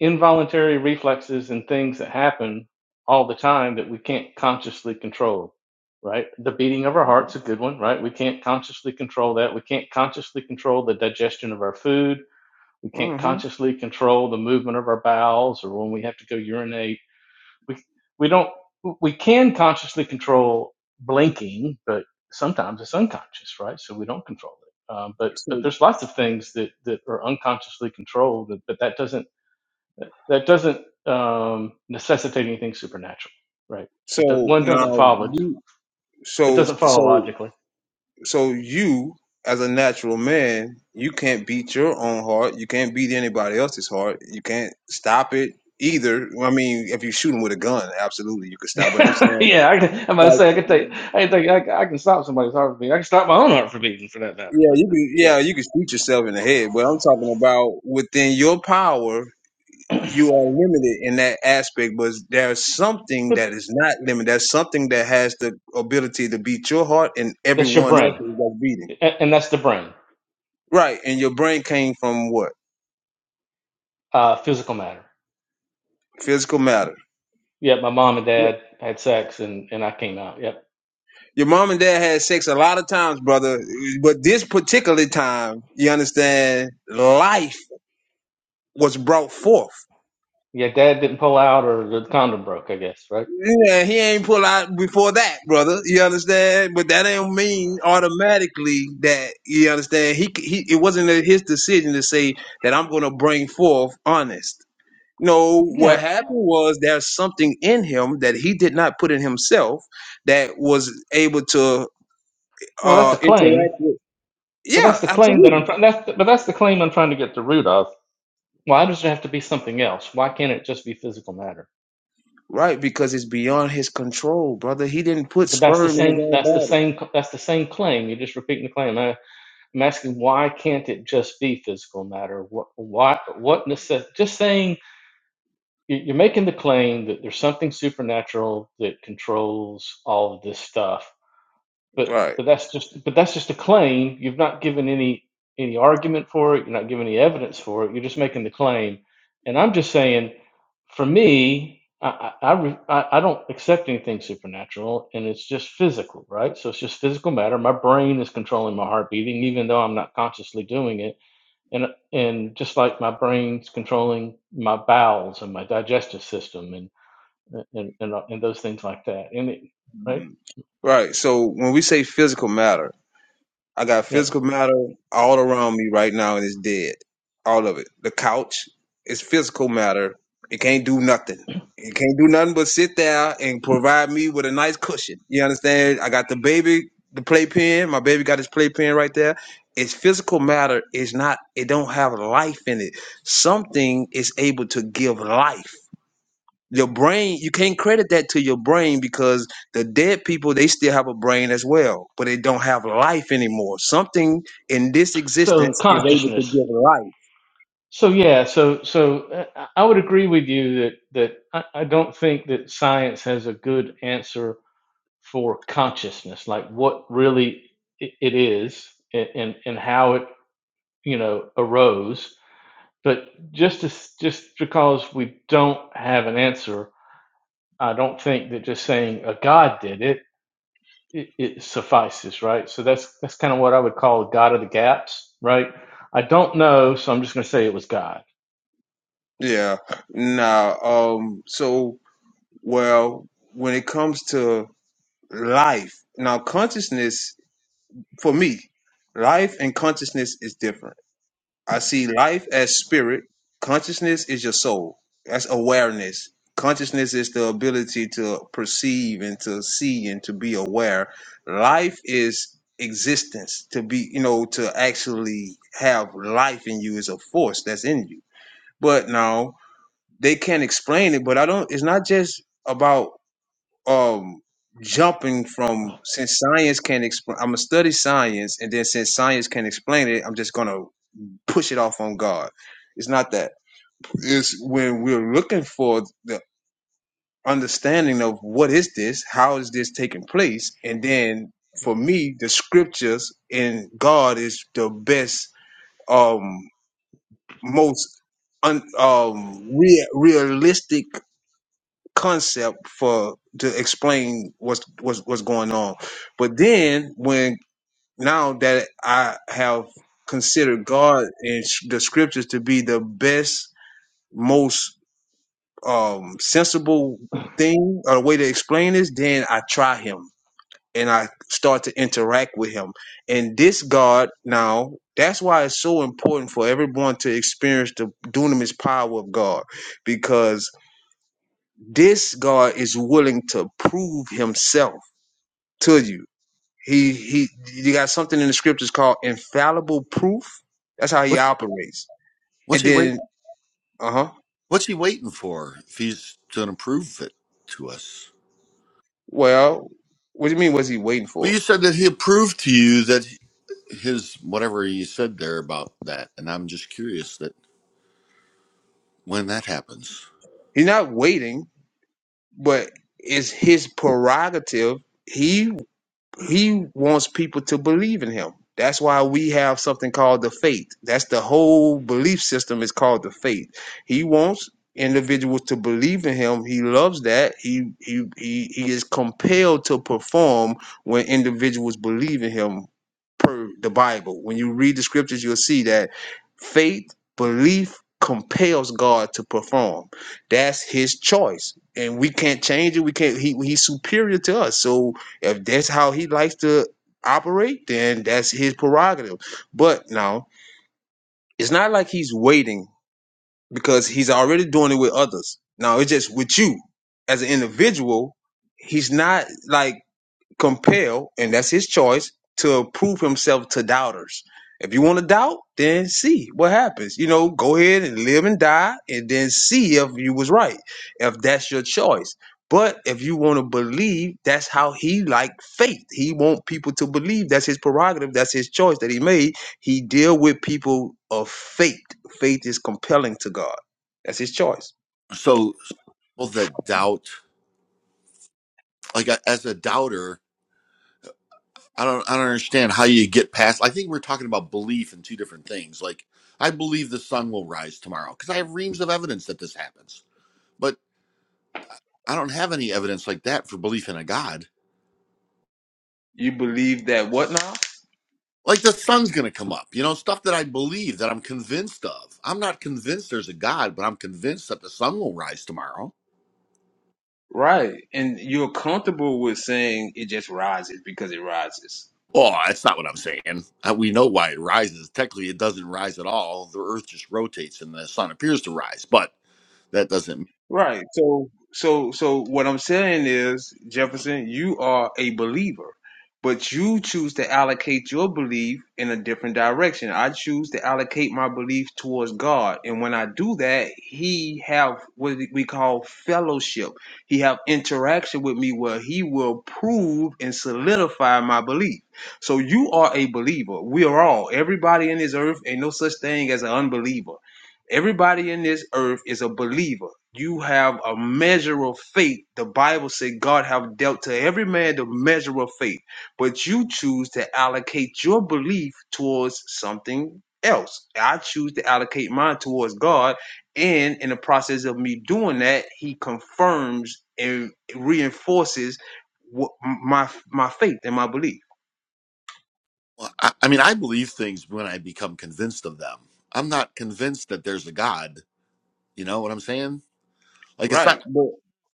involuntary reflexes and things that happen all the time that we can't consciously control. Right, the beating of our heart's a good one. Right, we can't consciously control that. We can't consciously control the digestion of our food We can't
hmm
consciously control the movement of our bowels or when we have to go urinate. We we don't we can consciously control blinking, but sometimes it's unconscious, right? So we don't control it. Um, but but
So,
there's lots of things that that are unconsciously controlled, but that doesn't that doesn't um, necessitate anything supernatural, right?
so
It do, one
now
doesn't follow
you,
it
so
doesn't follow
so
logically.
so you as a natural man, you can't beat your own heart. You can't beat anybody else's heart. You can't stop it either. I mean, if you shoot him with a gun, absolutely you can stop. But I'm saying,
yeah, I can, I'm about to
like,
say I can take I can take I, I can stop somebody's heart from beating. I can stop my own heart from beating for that matter.
yeah,
But
you
I mean,
can,
yeah.
yeah, you can shoot yourself in the head. But I'm talking about within your power. you are limited in that aspect, but there's something that is not limited. There's something that has the ability to beat your heart and
that's your
everyone else's
brain,
that's beating.
and that's the brain,
Right. And your brain came from what?
uh, physical matter.
Physical matter.
Yeah, my mom and
Yeah.
dad had sex, and and I came out. Yep.
Your mom and dad had sex a lot of times, brother. But this particular time, you understand, life was brought forth.
Yeah, dad didn't pull out, or the condom broke. I guess, right?
Yeah, he ain't pull out before that, brother. You understand? But that ain't mean automatically that you understand. He he, it wasn't his decision to say that I'm going to bring forth honest. No,
Yeah.
what happened was there's something in him that he did not put in himself that was able to
Well, that's
uh
a claim,
interact with.
but
Yeah,
that's the claim that
absolutely.
I'm. try- That's the, but that's the claim I'm trying to get the root of. Why does it have to be something else? Why can't it just be physical matter?
Right, because it's beyond his control, brother. He didn't put
But that's the
sperm in his
same.
own
That's the
body.
same. That's the same claim. You're just repeating the claim. I, I'm asking why can't it just be physical matter? What? Why? What necess- Just saying you- are making the claim that there's something supernatural that controls all of this stuff but
Right.
but that's just but that's just a claim you've not given any any argument for it you're not giving any evidence for it you're just making the claim and i'm just saying for me i i, I I don't accept anything supernatural and it's just physical right so it's just physical matter my brain is controlling my heart beating even though i'm not consciously doing it and and just like my brain's controlling my bowels and my digestive system and and and, and those things like that and it, right
Mm-hmm. Right. So when we say physical matter. I got
yeah
physical matter all around me right now and it's dead. All of it. The couch is physical matter. It can't do nothing. It can't do nothing but sit there and provide me with a nice cushion. You understand? I got the baby, the playpen. My baby got his playpen right there. It's physical matter. It's not, it don't have life in it. Something is able to give life your brain you can't credit that to your brain because the dead people they still have a brain as well but they don't have life anymore something in this
so
existence is able to
consciousness
give life
so yeah so so uh, i would agree with you that that I, I don't think that science has a good answer for consciousness like what really i- it is and and, and how it you know arose but just as, just because we don't have an answer I don't think that just saying a God did it, it, it suffices, right? So that's that's kind of what I would call a God of the gaps, right? I don't know, so I'm just going to say it was God.
yeah now um so well when it comes to life now consciousness for me life and consciousness is different I see life as spirit. Consciousness is your soul. That's awareness. Consciousness is the ability to perceive and to see and to be aware. Life is existence. To be, you know, to actually have life in you is a force that's in you. But now they can't explain it. But I don't. It's not just about um jumping from since science can't explain. I'm gonna study science, and then since science can't explain it, I'm just gonna push it off on God. It's not that. It's when we're looking for the understanding of what is this, how is this taking place, and then for me, the scriptures and God is the best, um, most un, um rea- realistic concept for to explain what's what's what's going on. But then when now that I have considered God and s- the scriptures to be the best most um, sensible thing or way to explain this, then I try him and I start to interact with him. And this God now, that's why it's so important for everyone to experience the dunamis power of God because this God is willing to prove himself to you. He he you got something in the scriptures called infallible proof. That's how he
What's,
operates.
what's
And
he wait?
then uh-huh.
What's he waiting for if he's going to prove it to us?
Well, what do you mean what's he waiting
Well,
for?
you said that he proved to you that his whatever you said there about that, and I'm just curious that when that happens.
He's not waiting, but it's his prerogative. He he wants people to believe in him. That's why we have something called the faith. That's the whole belief system is called the faith. He wants individuals to believe in him. He loves that. He he he, he is compelled to perform when individuals believe in him per the Bible. When you read the scriptures, you'll see that faith, belief compels God to perform. That's his choice. And we can't change it. We can't he he's superior to us. So if that's how he likes to operate, then that's his prerogative. But now it's not like he's waiting because he's already doing it with others. Now it's just with you as an individual. He's not like compel, and that's his choice, to prove himself to doubters. If you want to doubt, then see what happens. You know, go ahead and live and die, and then see if you was right, if that's your choice. But if you want to believe, that's how he like faith. He want people to believe. That's his prerogative. That's his choice that he made. He deal with people of faith. Faith is compelling to God. That's his choice.
So, all the doubt, like I- as a doubter, I don't, I don't understand how you get past. I think we're talking about belief and two different things. Like I believe the sun will rise tomorrow because I have reams of evidence that this happens. but. I don't have any evidence like that for belief in a God.
You believe that what now?
Like the sun's going to come up, you know, stuff that I believe that I'm convinced of. I'm not convinced there's a God, but I'm convinced that the sun will rise tomorrow.
Right. And you're comfortable with saying it just rises because it rises.
Oh, that's not what I'm saying. Uh, We know why it rises. Technically, it doesn't rise at all. The earth just rotates and the sun appears to rise, but that doesn't.
Right. So so so what I'm saying is, Jefferson, you are a believer, but you choose to allocate your belief in a different direction. I choose to allocate my belief towards God, and when I do that, he have what we call fellowship. He have interaction with me where he will prove and solidify my belief. So you are a believer. We are all, everybody in this earth, ain't no such thing as an unbeliever Everybody in this earth is a believer. You have a measure of faith. The Bible said God have dealt to every man the measure of faith. But you choose to allocate your belief towards something else. I choose to allocate mine towards God. And in the process of me doing that, he confirms and reinforces what, my my faith and my belief.
Well, I, I mean, I believe things when I become convinced of them. I'm not convinced that there's a God. You know what I'm saying? Like, it's
Right.
not
But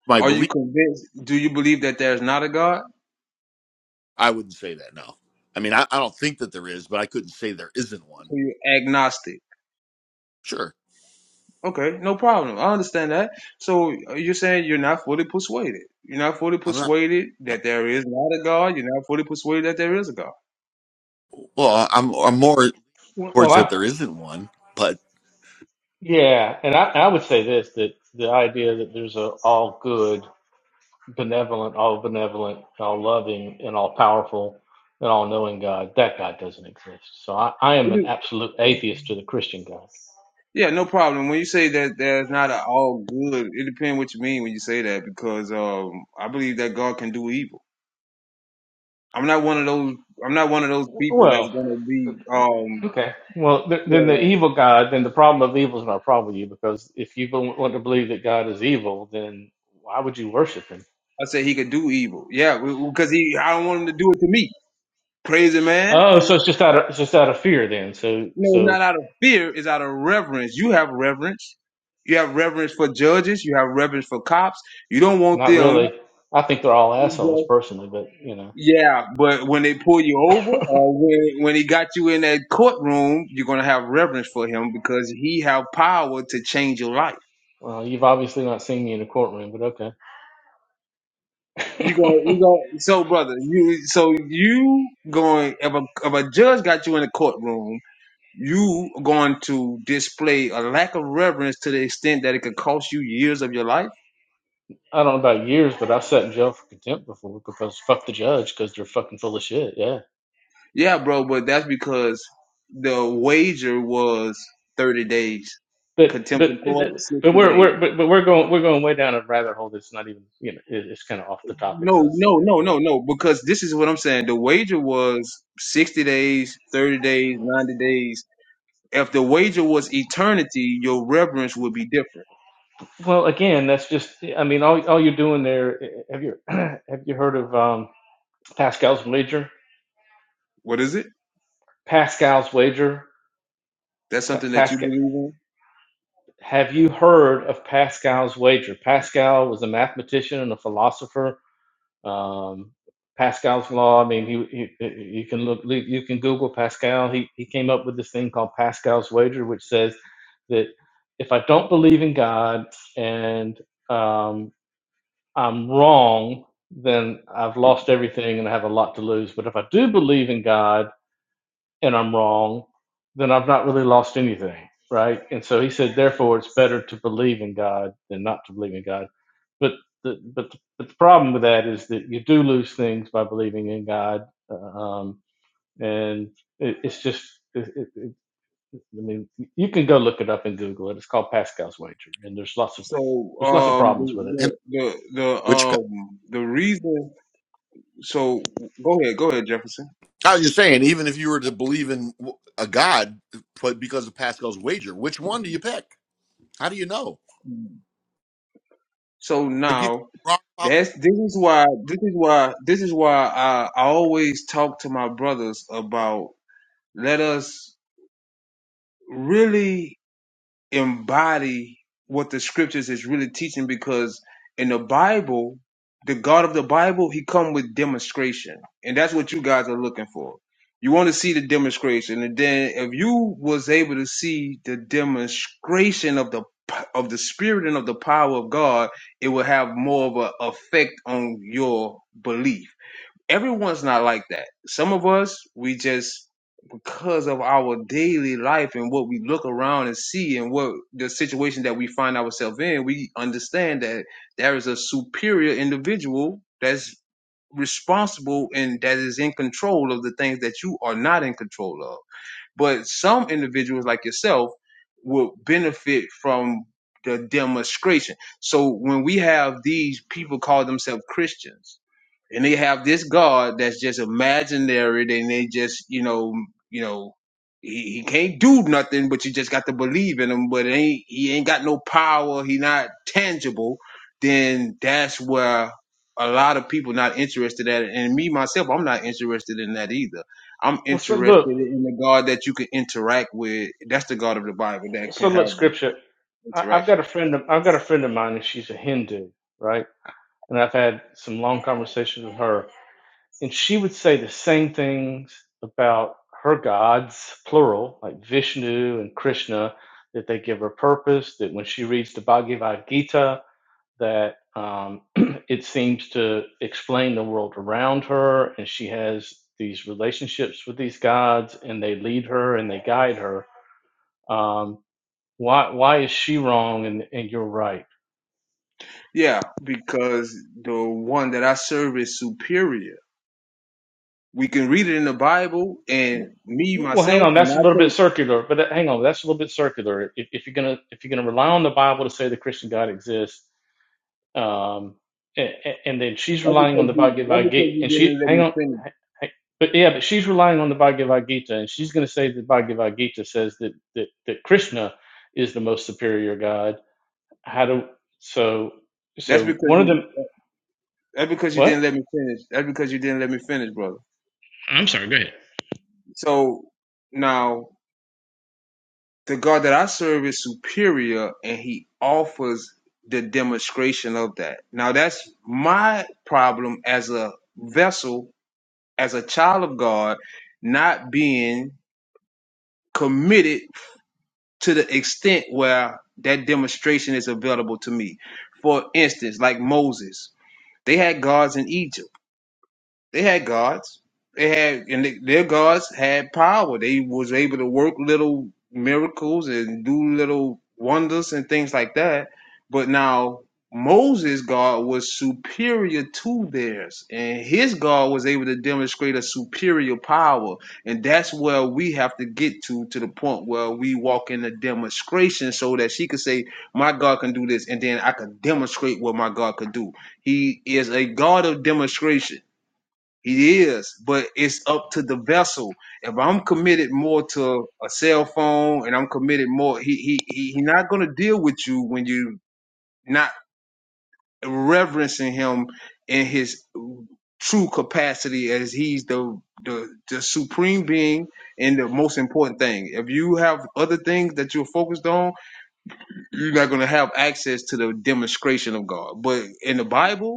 my
are you
belief.
convinced? Do you believe that there's not a God?
I wouldn't say that. No, I mean I, I don't think that there is, but I couldn't say there isn't one.
So you're agnostic.
Sure,
Okay, no problem. I understand that. So uh, you're saying you're not fully persuaded. You're not fully
I'm not.
persuaded that there is not a God. You're not fully persuaded that there is a God.
Well, I'm I'm more
Well,
towards that
I
there isn't one, but
yeah, and I, I would say this that the idea that there's a all good, benevolent, all benevolent, all loving, and all powerful, and all knowing God, that God doesn't exist. So I, I am an
You-
absolute atheist to the Christian God.
Yeah, no problem. When you say that there's not an all good, it depends what you mean when you say that because um, I believe that God can do evil. I'm not one of those. I'm not one of those people
Well,
that's gonna be. Um,
Okay. Well, th- then the
yeah,
evil God, then the problem of evil is not a problem with you because if you don't want to believe that God is evil, then why would you worship Him?
I say he could do evil. Yeah, because he. I don't want him to do it to me. Crazy man.
Oh, so it's just out of it's just out of fear then. So
No,
so
not out of fear. It's out of reverence. You have reverence. You have reverence for judges. You have reverence for cops. You don't want
not
them.
really. I think they're all assholes personally, but you know,
Yeah, but when they pull you over, or when when he got you in that courtroom, you're gonna have reverence for him because he have power to change your life.
well, you've obviously not seen me in a courtroom, but okay.
You go, you go. So, brother, you so you going if a if a judge got you in a courtroom, you going to display a lack of reverence to the extent that it could cost you years of your life
I don't know about years, but I've sat in jail for contempt before because fuck the judge because they're fucking full of shit. Yeah.
Yeah, bro, but that's because the wager was 30 days.
but
Contempt of
but
court, 60
but we're
days.
we're but, but we're going we're going way down a rabbit hole that's not even you know it- it's kind of off the topic so
No,
it's, it,
no, no, no, no, because this is what I'm saying. The wager was 60 days, 30 days, 90 days. If the wager was eternity, your reverence would be different.
well again that's just i mean all, all you're doing there eh, eh, have you have you heard of um pascal's wager
What is it?
pascal's wager
That's
Pa-
something that you
pascal
believe in?
have you heard of pascal's wager pascal was a mathematician and a philosopher Um, Pascal's law. I mean, he, he you can look, you can Google Pascal. He he came up with this thing called Pascal's wager, which says that if I don't believe in God and um, I'm wrong, then I've lost everything and I have a lot to lose. But if I do believe in God and I'm wrong, then I've not really lost anything, right? And so he said, therefore, it's better to believe in God than not to believe in God but the, but the, but the problem with that is that you do lose things by believing in God, uh, um, and it, it's just. It, it, it, I mean, you can go look it up in Google. It. It's called Pascal's wager, and there's lots of
So,
there's lots of
um,
problems with
the,
it.
and
the, the, the
which God?
um, the reason, so go ahead, go ahead, Jefferson.
I was just saying, even if you were to believe in w- a God, but because of Pascal's wager, which one do you pick? How do you know?
So
Like you could
now
be wrong about that.
That's this is why this is why this is why I, I always talk to my brothers about let us really embody what the scriptures is really teaching because in the Bible, the God of the Bible, he come with demonstration. And that's what you guys are looking for. You want to see the demonstration. And then if you was able to see the demonstration of the of the spirit and of the power of God, it will have more of an effect on your belief. Everyone's not like that. Some of us, we just because of our daily life and what we look around and see and what the situation that we find ourselves in, we understand that there is a superior individual that's responsible and that is in control of the things that you are not in control of. But some individuals like yourself will benefit from the demonstration. So when we have these people call themselves Christians and they have this God that's just imaginary and they just, you know, you know, he, he can't do nothing, but you just got to believe in him, but it ain't, he ain't got no power. He not tangible. Then that's where a lot of people not interested at it. And me, myself, I'm not interested in that either I'm
Well, so
interested
look,
in the God that you can interact with. That's the God of the Bible that
so
can have
look, scripture. I, I've
interaction.
got a friend. Of, I've got a friend of mine, and she's a Hindu, right? And I've had some long conversations with her, and she would say the same things about her gods, plural, like Vishnu and Krishna, that they give her purpose. That when she reads the Bhagavad Gita, that um, it seems to explain the world around her, and she has these relationships with these gods, and they lead her and they guide her. Um, why why is she wrong and, and you're right?
Yeah, because the one that I serve is superior. We can read it in the Bible, and
W-
me
Well, hang
myself,
on.
and
That's a
I
little bit
think
circular, but that, hang on. That's a little bit circular. If, if you're gonna if you're gonna rely on the Bible to say the Christian God exists, um, and, and then she's
that's
relying on
because
the
you that's
Bhagavad
because
Gita,
you
and she
didn't let
hang
me
on,
finish.
h- h- but yeah, but she's relying on the Bhagavad Gita, and she's gonna say the Bhagavad Gita says that that that Krishna is the most superior God. How do so?
That's
So
because
one of
you
them.
that's because you didn't let
What?
me finish. That's because you didn't let me finish, brother.
I'm sorry. Go ahead.
So now The God that I serve is superior and he offers the demonstration of that. Now that's my problem as a vessel, as a child of God, not being committed to the extent where that demonstration is available to me. For instance, like Moses, they had gods in Egypt They had gods. They had, and they, their gods had power. They was able to work little miracles and do little wonders and things like that. But now Moses' God was superior to theirs, and his God was able to demonstrate a superior power. And that's where we have to get to, to the point where we walk in a demonstration so that she could say, My God can do this, and then I can demonstrate what my God could do. He is a God of demonstration he is, but it's up to the vessel. If I'm committed more to a cell phone and I'm committed more, he he he, he not gonna deal with you when you not reverencing him in his true capacity as he's the the, the supreme being and the most important thing. If you have other things that you're focused on, you're not gonna have access to the demonstration of God. But in the Bible,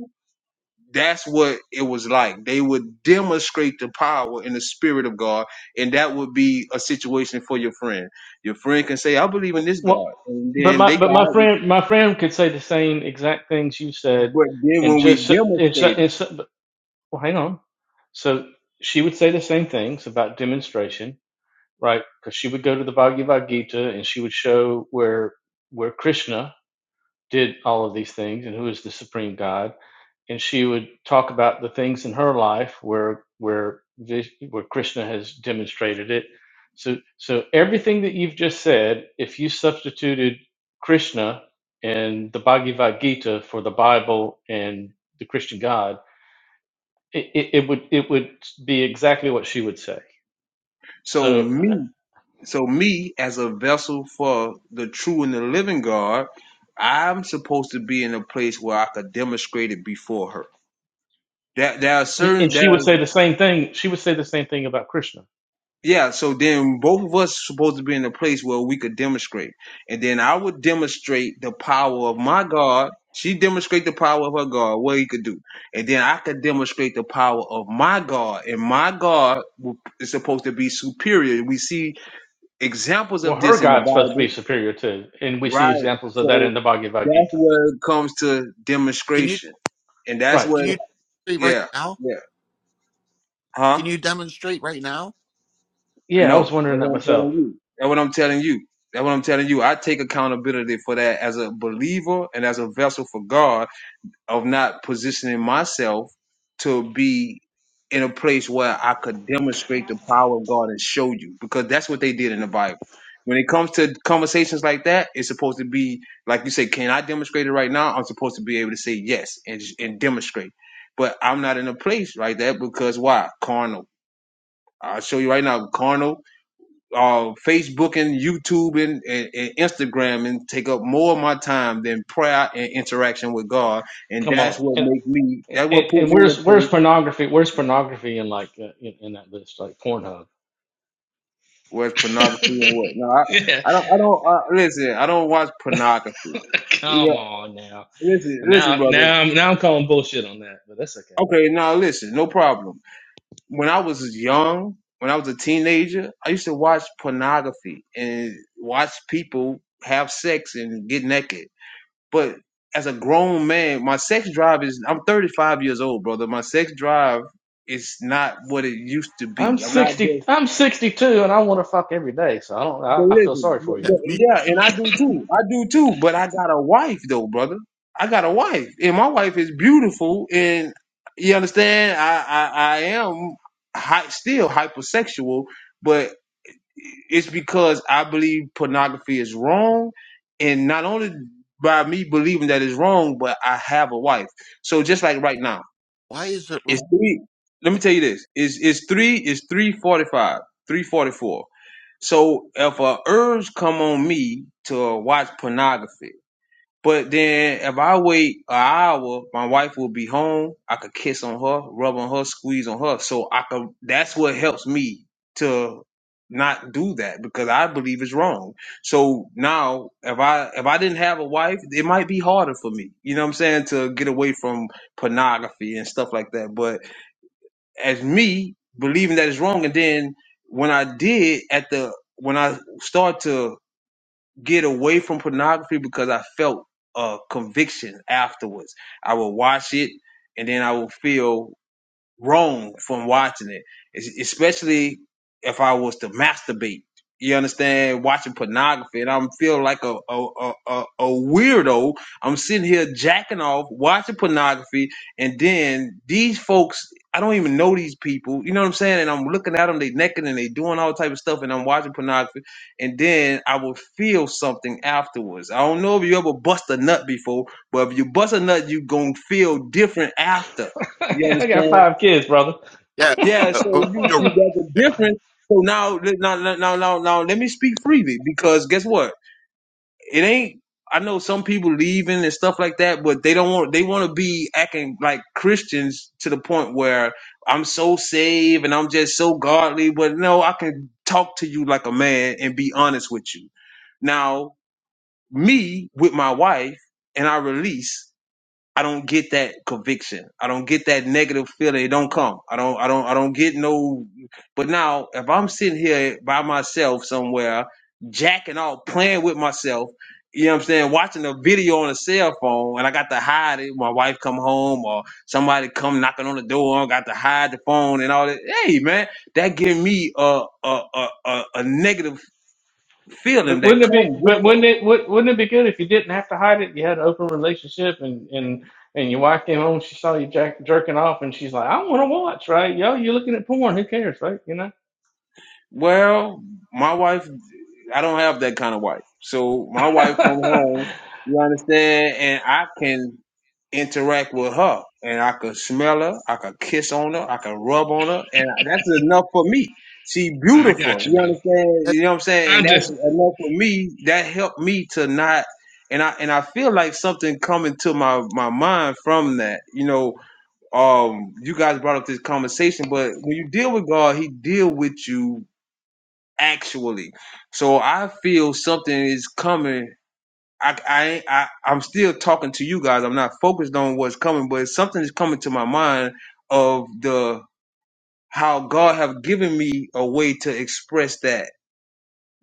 that's what it was like. They would demonstrate the power and the spirit of God, and that would be a situation for your friend. Your friend can say, "I believe in
Well,
this
well,
God," and
but
then they
my but my
can.
friend my friend could say the same exact things you said,
But then
and
when we
just and, so-
demonstrate it,
and, so- but- well, hang on. So she would say the same things about demonstration, right? Because she would go to the Bhagavad Gita and she would show where where Krishna did all of these things and who is the supreme God and she would talk about the things in her life where where where Krishna has demonstrated it. So so everything that you've just said, if you substituted Krishna and the Bhagavad Gita for the Bible and the Christian God, it, it, it would it would be exactly what she would say.
so
So uh,
me, so me as a vessel for the true and the living God, I'm supposed to be in a place where I could demonstrate it before her. That there there are
and
certain
she
there.
would say the same thing. She would say the same thing about Krishna.
Yeah, so then both of us supposed to be in a place where we could demonstrate. And then I would demonstrate the power of my God. She demonstrate the power of her God, what he could do. And then I could demonstrate the power of my God. And my God w- is supposed to be superior. We see examples
Well,
of
her
this in the
God's supposed to
Bible.
be superior too, and we see
Right.
examples of that in
So
the Bhagavad
that's
Gita.
where it comes to
Can you
demonstration. And that's
Right.
what
can you demonstrate right
yeah,
now?
yeah. Huh?
Can you demonstrate right now?
Yeah, I
No,
was
that's
wondering that
what I'm
myself.
telling you. That's what I'm telling you. That's what I'm telling you. I take accountability for that as a believer and as a vessel for God of not positioning myself to be in a place where I could demonstrate the power of God and show you because that's what they did in the Bible. When it comes to conversations like that, it's supposed to be like you say, can I demonstrate it right now? I'm supposed to be able to say yes and, and demonstrate. But I'm not in a place like that because why? Carnal. I'll show you right now, carnal uh, Facebook and YouTube and, and, and Instagram and take up more of my time than prayer and interaction with God. And
Come
that's
on,
what
and
makes me, that's
and,
what put
and
me in a
where's where's
place
pornography? Where's pornography in like uh, in, in that list, like Pornhub?
where it's pornography and what. No, I,
yeah,
I don't, I don't, uh, listen, I don't watch pornography. Yeah,
come on now.
listen, listen,
Now
brother.
now I'm now I'm calling bullshit on that, but that's okay.
Okay, now listen, no problem. When I was young, when I was a teenager, I used to watch pornography and watch people have sex and get naked But as a grown man, my sex drive is I'm 35 years old, brother. My sex drive is not what it used to
I'm
be. I'm not
sixty.
just
I'm sixty two, and I want to fuck every day. So I don't.
but
I, I feel
listen,
sorry for
but-
Yeah,
you.
I
but-
mean,
yeah, and I do too. I do too, but I got a wife though, brother. I got a wife, and my wife is beautiful, and you understand. I I, I am hy still hypersexual, but it's because I believe pornography is wrong, and not only by me believing that it's wrong, but I have a wife. So just like right now,
why is it
it's
wrong?
three. Let me tell you this: it's it's three, it's three forty five, three forty four. So if a urge come on me to watch pornography but then if I wait an hour, my wife will be home. I could kiss on her, rub on her, squeeze on her. So I could that's what helps me to not do that because I believe it's wrong. So now if I if I didn't have a wife, it might be harder for me. You know what I'm saying? To get away from pornography and stuff like that. But as me believing that it's wrong and then when I did at the when I start to get away from pornography because I felt a conviction afterwards. I would watch it and then I would feel wrong from watching it, es- especially if I was to masturbate. You understand? Watching pornography, and I'm feel like a a, a a a weirdo. I'm sitting here jacking off, watching pornography, and then these folks, I don't even know these people. You know what I'm saying? And I'm looking at them, they naked, and they doing all type of stuff, and I'm watching pornography, and then I will feel something afterwards. I don't know if you ever bust a nut before, but if you bust a nut, you gonna feel different after. You
I got
understand?
five kids, brother.
Yeah,
Yeah, so you you
uh,
got the difference. So now now now now now let me speak freely because guess what? It ain't. I know some people leaving and stuff like that, but they don't want. They want to be acting like Christians to the point where I'm so saved and I'm just so godly. But no, I can talk to you like a man and be honest with you. Now, me with my wife and our release. I don't get that conviction. I don't get that negative feeling. It don't come. I don't. I don't. I don't get no. But now, if I'm sitting here by myself somewhere, jacking off, playing with myself, you know what I'm saying, watching a video on a cell phone, and I got to hide it. My wife come home, or somebody come knocking on the door, I got to hide the phone and all that. Hey, man, that give me a a a, a, a negative feeling
But
that
wouldn't it
comes
be?
with
But
that.
wouldn't it? wou- Wouldn't it be good if you didn't have to hide it? You had an open relationship, and and and your wife came home, she saw you jack, jerking off, and she's like, "I want to watch, right? Yo, you're looking at porn. Who cares, right? You know."
Well, my wife I don't have that kind of wife. So my wife come home, you understand, and I can interact with her, and I can smell her, I can kiss on her, I can rub on her, and that's enough for me. She
I
beautiful,
got you,
you
brother.
understand? You know what I'm saying?
I'm
And
just
that's enough for me. That helped me to not, and I and I feel like something coming to my my mind from that. You know, um, you guys brought up this conversation, but when you deal with God, He deal with you actually. So I feel something is coming. I, I, ain't- I, I'm still talking to you guys. I'm not focused on what's coming, but something is coming to my mind of the how God have given me a way to express that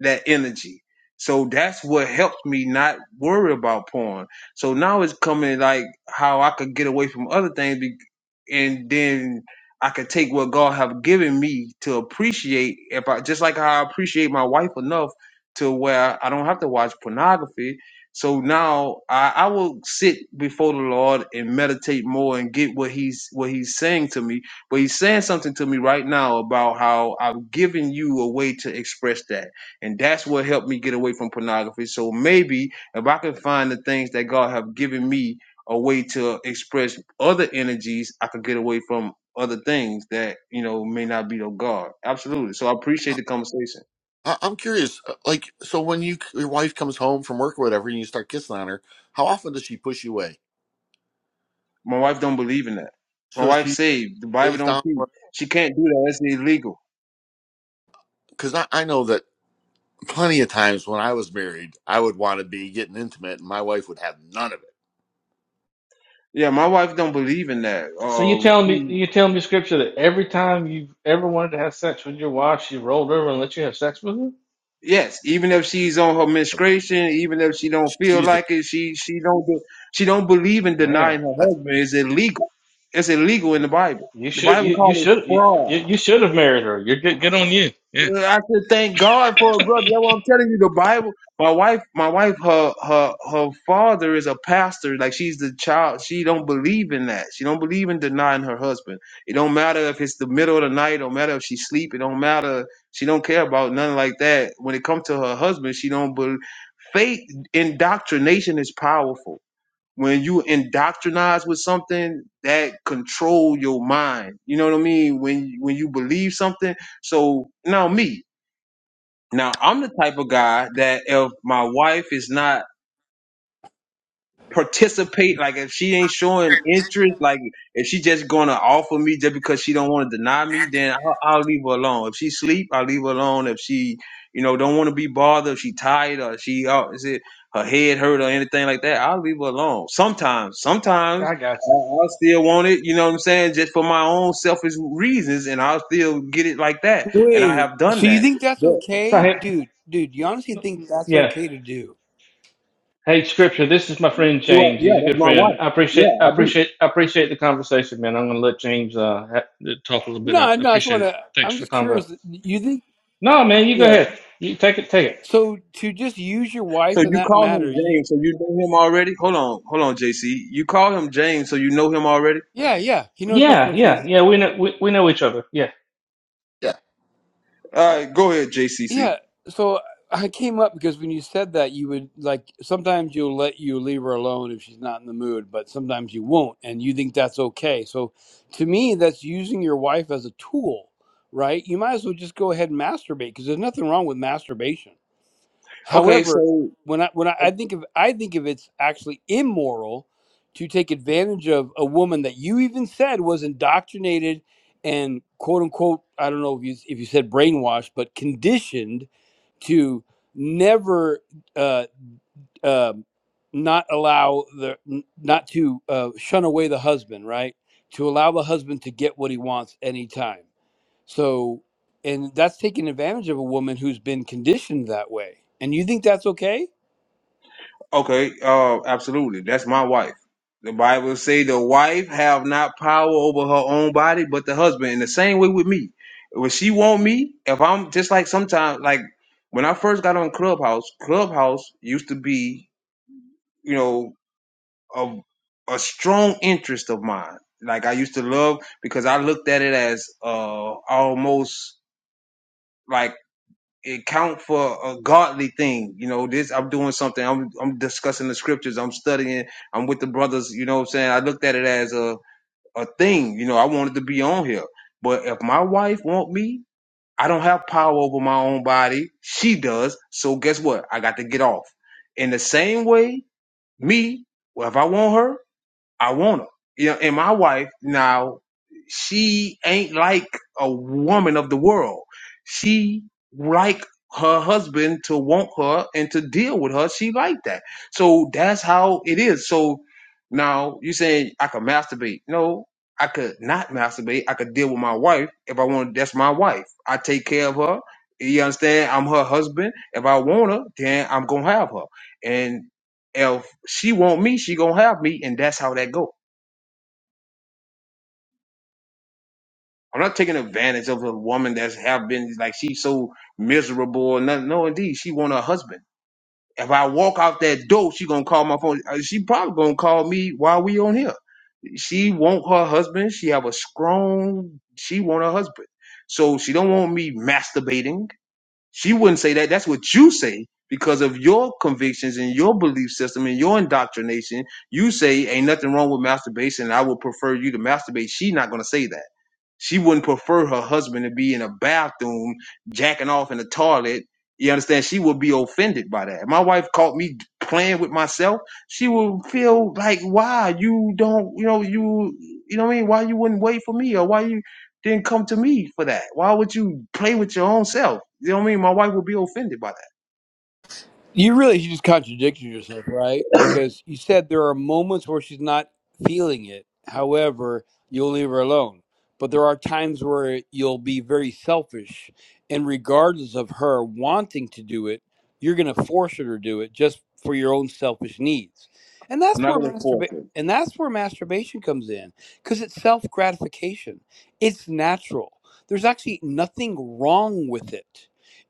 that energy. So that's what helped me not worry about porn. So now it's coming like how I could get away from other things, be- and then I could take what God have given me to appreciate. If I just like how I appreciate my wife enough to where I don't have to watch pornography. So now I, I will sit before the Lord and meditate more and get what He's what He's saying to me. But He's saying something to me right now about how I've given you a way to express that and that's what helped me get away from pornography so maybe if i can find the things that god have given me a way to express other energies i could get away from other things that you know may not be of god absolutely so i appreciate the conversation
I- I'm curious, uh, like, so when you your wife comes home from work or whatever, and you start kissing on her, how often does she push you away?
my wife don't believe in that my
So
wife
she
saved the bible
lays
don't
down,
teach she can't do that that's illegal
because I, I know that plenty of times when I was married, I would want to be getting intimate, and my wife would have none of it.
yeah my wife don't believe in that
so you
um
telling me
she,
you telling me scripture that every time you ever wanted to have sex with your wife, she rolled over and let you have sex with her?
Yes, even if she's on her menstruation, even if she don't feel
She's a
like it, she she don't be- she don't believe in
Man,
denying her
that's
husband. It's illegal. It's illegal in
yeah.
the Bible.
you
The
should
Bible
you you
calls it
should you,
fraud.
you should have married her. You're good. Good on you. yeah.
Well, I should thank God for a brother. That's what I'm telling you. The Bible. My wife, my wife, her her her father is a pastor. Like she's the child. She don't believe in that. She don't believe in denying her husband. It don't matter if it's the middle of the night. It don't matter if she's sleep. It don't matter. She don't care about nothing like that. When it comes to her husband, she don't believe faith indoctrination is powerful when you indoctrinize with something that control your mind you know what i mean when when you believe something so now me now i'm the type of guy that if my wife is not participate like if she ain't showing interest like if she just gonna offer me just because she don't want to deny me then I'll, I'll leave her alone if she sleep i'll leave her alone if she you know don't want to be bothered if she tired or she out is it her head hurt or anything like that i'll leave her alone sometimes sometimes
I got
i
you.
I still want it you know what i'm saying just for my own selfish reasons and i'll still get it like that and i
Wait,
have done
so you
that
think that's
but
So
okay,
hey,
dude? Dude, you honestly think that's
yeah.
okay to do?
Hey, Scripture, this is my friend
yeah
James. He's
yeah,
a
that's
good
my
friend.
wife
I
yeah
appreciate, I
i do
appreciate, I appreciate the conversation, man. I'm gonna let James uh ha- talk a little bit. I
No, no, that's
appreciate
what I
it.
just want to.
Thanks
I'm
for the
just
convo.
curious. You think?
No, man, you go
Yeah.
ahead. You take it, take it.
So to just use your
So
wife in
you
that
call
manner,
him
you?
James, so you know him already? Hold on, hold on, JC. You call him James, so you know him already?
Yeah, yeah. He knows my
Yeah,
first
yeah,
name.
yeah. We know, we, we know each other. Yeah.
yeah.
All right, go ahead, JCC.
Yeah. So I came up because when you said that, you would like sometimes you'll let you leave her alone if she's not in the mood, but sometimes you won't, and you think that's okay. So to me, that's using your wife as a tool, right? You might as well just go ahead and masturbate because there's nothing wrong with masturbation
Okay,
However,
so
when I when I, I think of I think of it's actually immoral to take advantage of a woman that you even said was indoctrinated and quote unquote I don't know if you if you said brainwashed but conditioned to never uh, uh, not allow the n- not to uh, shun away the husband right to allow the husband to get what he wants anytime so and that's taking advantage of a woman who's been conditioned that way and you think that's okay
okay, uh, absolutely. That's my wife. The Bible say the wife have not power over her own body, but the husband. And the same way with me. When she want me, if I'm just like sometimes, like when I first got on Clubhouse, Clubhouse used to be, you know. a a strong interest of mine. Like I used to love because I looked at it as uh almost like it count for a godly thing. You know, this I'm doing something. I'm I'm discussing the scriptures. I'm studying. I'm with the brothers. You know what I'm saying? I looked at it as a a thing. You know, I wanted to be on here. But if my wife want me, I don't have power over my own body. She does. So guess what? I got to get off. In the same way, me, well, if I want her, I want her. You know, and my wife now, she ain't like a woman of the world. She like her husband to want her and to deal with her. She like that. So that's how it is. So now you saying I could masturbate. No, I could not masturbate. I could deal with my wife if I want. That's my wife. I take care of her. You understand? I'm her husband. If I want her, then I'm gonna have her. And she want me, she gonna have me, and that's how that go. I'm not taking advantage of a woman that's have been like she's so miserable or nothing. No, indeed, she want her husband. If I walk out that door, she gonna call my phone. Uh, She probably gonna call me while we on here. She want her husband. She have a strong. She want her husband. So she don't want me masturbating. She wouldn't say that. That's what you say because of your convictions and your belief system and your indoctrination. You say ain't nothing wrong with masturbation. And I would prefer you to masturbate. She not gonna say that. She wouldn't prefer her husband to be in a bathroom jacking off in the toilet. You understand? She would be offended by that. If My wife caught me playing with myself. She would feel like, why you don't, you know, you, you know what I mean? Why you wouldn't wait for me or why you didn't come to me for that? Why would you play with your own self? You know what I mean? My wife would be offended by that.
You really just contradicted yourself, right? Because you said there are moments where she's not feeling it. However, you'll leave her alone. But there are times where you'll be very selfish, and regardless of her wanting to do it, you're going to force her to do it just for your own selfish needs. And
I'm
that's
not
where
going to force
masturbation
it.
and that's where masturbation comes in because it's self gratification. It's natural. There's actually nothing wrong with it.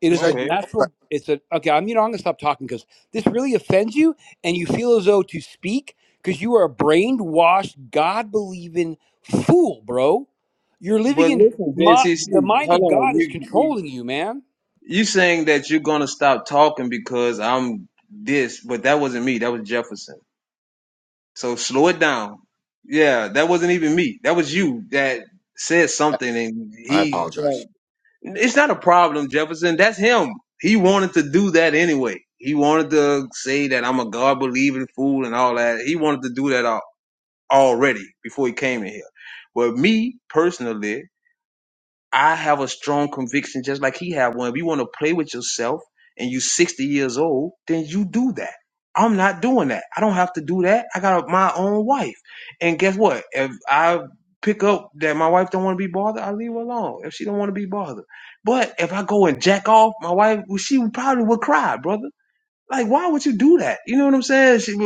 It
There's
is
actually-
a
Okay.
natural. It's a okay. I'm you know I'm gonna stop talking because this really offends you, and you feel as though to speak because you are a brainwashed, God believing fool, bro. You're living
But
in
listen,
my, the
JCC,
mind
hold
of
on.
God is
you.
controlling you, man.
You saying that you're gonna stop talking because I'm this, but that wasn't me. That was Jefferson. So slow it down. Yeah, that wasn't even me. That was you that said something, and
I
he.
apologize.
It's not a problem, Jefferson. That's him. He wanted to do that anyway. He wanted to say that I'm a God believing fool and all that. He wanted to do that al- already before he came in here. But me personally, I have a strong conviction, just like he had one. If you want to play with yourself and you 60 years old, then you do that. I'm not doing that. I don't have to do that. I got my own wife. And guess what? If I pick up that my wife don't want to be bothered, I leave her alone if she don't want to be bothered. But if I go and jack off, my wife, well, she probably would cry, brother. Like, why would you do that? You know what I'm saying? She,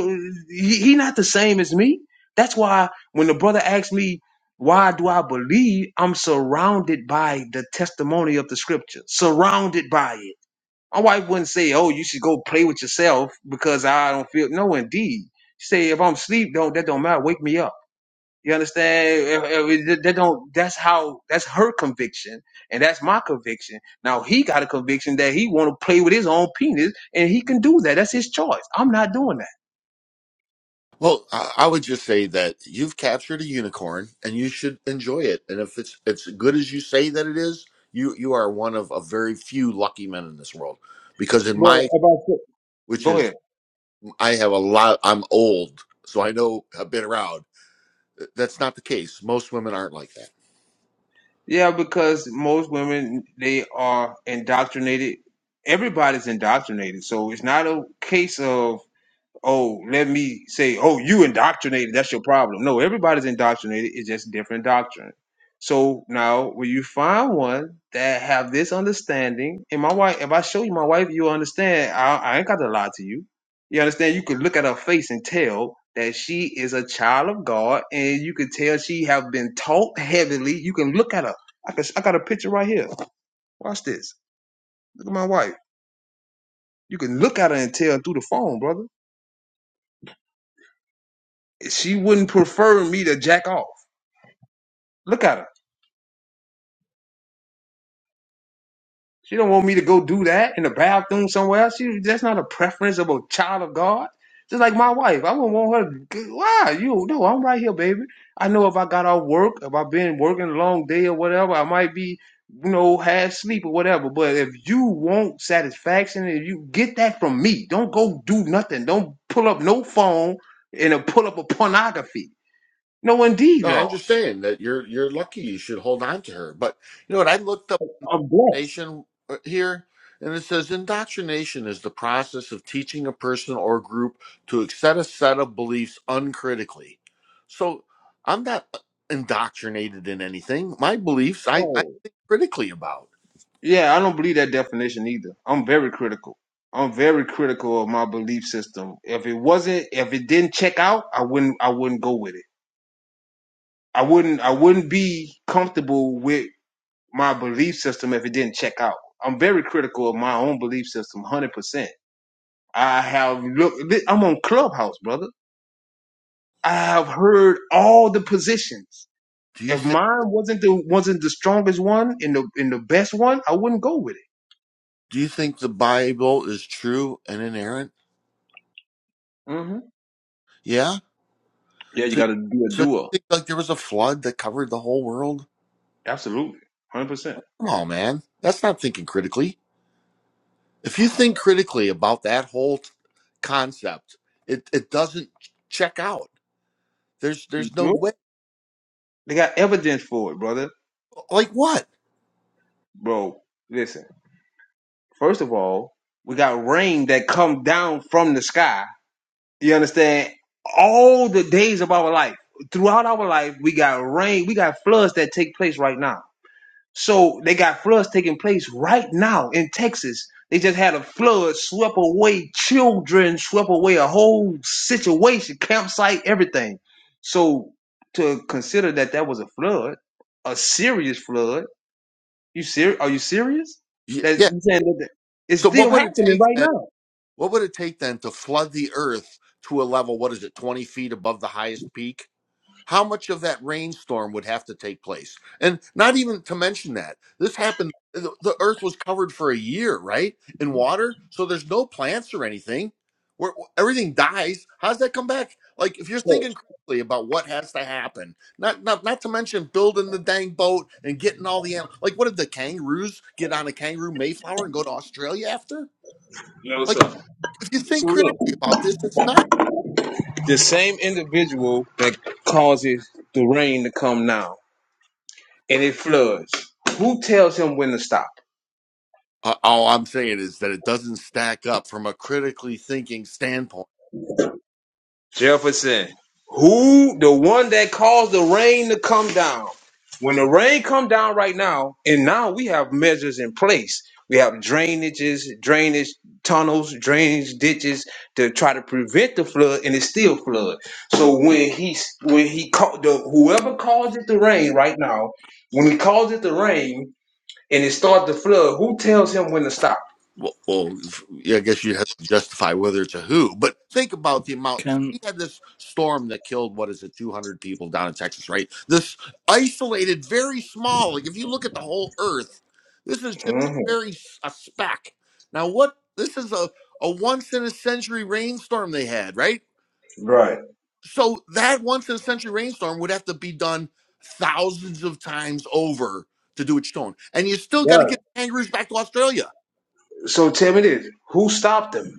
he, he not the same as me. That's why when the brother asked me, why do I believe I'm surrounded by the testimony of the scripture? Surrounded by it. My wife wouldn't say, oh, you should go play with yourself because I don't feel. No, indeed. She say, if I'm asleep, don't, that don't matter. Wake me up. You understand? If- if They don't. That's how. That's her conviction, and that's my conviction. Now he got a conviction that he want to play with his own penis, and he can do that. That's his choice. I'm not doing that.
Well, I, I would just say that you've captured a unicorn, and you should enjoy it. And if it's it's good as you say that it is, you you are one of a very few lucky men in this world because in my
Bro, about the-
which
Go
is
ahead.
I have a lot. I'm old, so I know I've been around. That's not the case. Most women aren't like that.
Yeah, because most women they are indoctrinated. Everybody's indoctrinated, so it's not a case of oh, let me say, oh, you indoctrinated. That's your problem. No, everybody's indoctrinated. It's just different doctrine. So now, when you find one that have this understanding, and my wife, if I show you my wife, you will understand. I, I ain't got to lie to you. You understand? You could look at her face and tell that she is a child of God, and you could tell she have been taught heavily. You can look at her. I, can, I got a picture right here. Watch this. Look at my wife. You can look at her and tell through the phone, brother. She wouldn't prefer me to jack off. Look at her. She don't want me to go do that in the bathroom somewhere. else. She that's not a preference of a child of God. Just like my wife, I wouldn't want her. To, g- why you? No, I'm right here, baby. I know if I got off work, if I've been working a long day or whatever, I might be, you know, half sleep or whatever. But if you want satisfaction, if you get that from me, don't go do nothing. Don't pull up no phone and uh, pull up a pornography. No, indeed,
No, I'm
Lord.
just saying that you're you're lucky. You should hold on to her. But you know what? I looked up
I'm blessed.
nation uh, here, and it says indoctrination is the process of teaching a person or group to accept a set of beliefs uncritically. So I'm not uh, indoctrinated in anything. My beliefs, I, I
Oh.
think critically about.
Yeah, I don't believe that definition either. I'm very critical. I'm very critical of my belief system. If it wasn't, if it didn't check out, I wouldn't, I wouldn't go with it. I wouldn't, I wouldn't be comfortable with my belief system if it didn't check out. I'm very critical of my own belief system, 100%. I have looked, I'm on Clubhouse, brother. I have heard all the positions.
Do you
If
think?
mine wasn't the, wasn't the strongest one and the, and the best one, I wouldn't go with
Do you think the Bible is true and inerrant?
it. hmm
Yeah.
Yeah, you
So,
got to be a
so you
doer.
think like there was a flood that covered the whole world?
Absolutely. 100%.
Come on, man. That's not thinking critically. If you think critically about that whole t- concept, it, it doesn't check out. There's
You
there's no
sure?
way.
They got evidence for it, brother.
Like what?
Bro, listen. First of all, we got rain that come down from the sky. You understand? All the days of our life, throughout our life, we got rain. We got floods that take place right now. So they got floods taking place right now in Texas. They just had a flood swept away children, swept away a whole situation, campsite, everything. So to consider that that was a flood, a serious flood. You ser- Are you serious?
Y-
That
Yeah.
you saying that that- it's
So
still
what would it
happening
take
right
then?
now?
What would it take then to flood the earth to a level? What is it? Twenty feet above the highest peak? how much of that rainstorm would have to take place and not even to mention that this happened the the earth was covered for a year right in water so there's no plants or anything where everything dies how's that come back like if you're thinking critically about what has to happen not not not to mention building the dang boat and getting all the animals like what did the kangaroos get on a kangaroo mayflower and go to australia after
You know, so,
like
so
if you think
look,
critically about this it's not.
the same individual that causes the rain to come now and it floods, who tells him when to stop?
Uh, all I'm saying is that it doesn't stack up from a critically thinking standpoint.
Jefferson, who the one that caused the rain to come down? When the rain come down right now, and now we have measures in place. We have drainages, drainage tunnels, drainage ditches to try to prevent the flood, and it still flood. So when he when he called the whoever caused it to rain right now, when he calls it to rain and it starts to flood, who tells him when to stop?
Well, well, f- yeah, I guess you have to justify whether it's a who, but think about the amount. So
Can
we had this storm that killed what is it, 200 people down in Texas, right? This isolated, very small. Like if you look at the whole Earth, this is just a
hmm
very s- a speck. Now, what this is a a once in a century rainstorm they had, right?
Right.
So that once in a century rainstorm would have to be done thousands of times over to do it shown. And you still got to
Right.
get kangaroos back to Australia.
So tell me this: Who stopped him?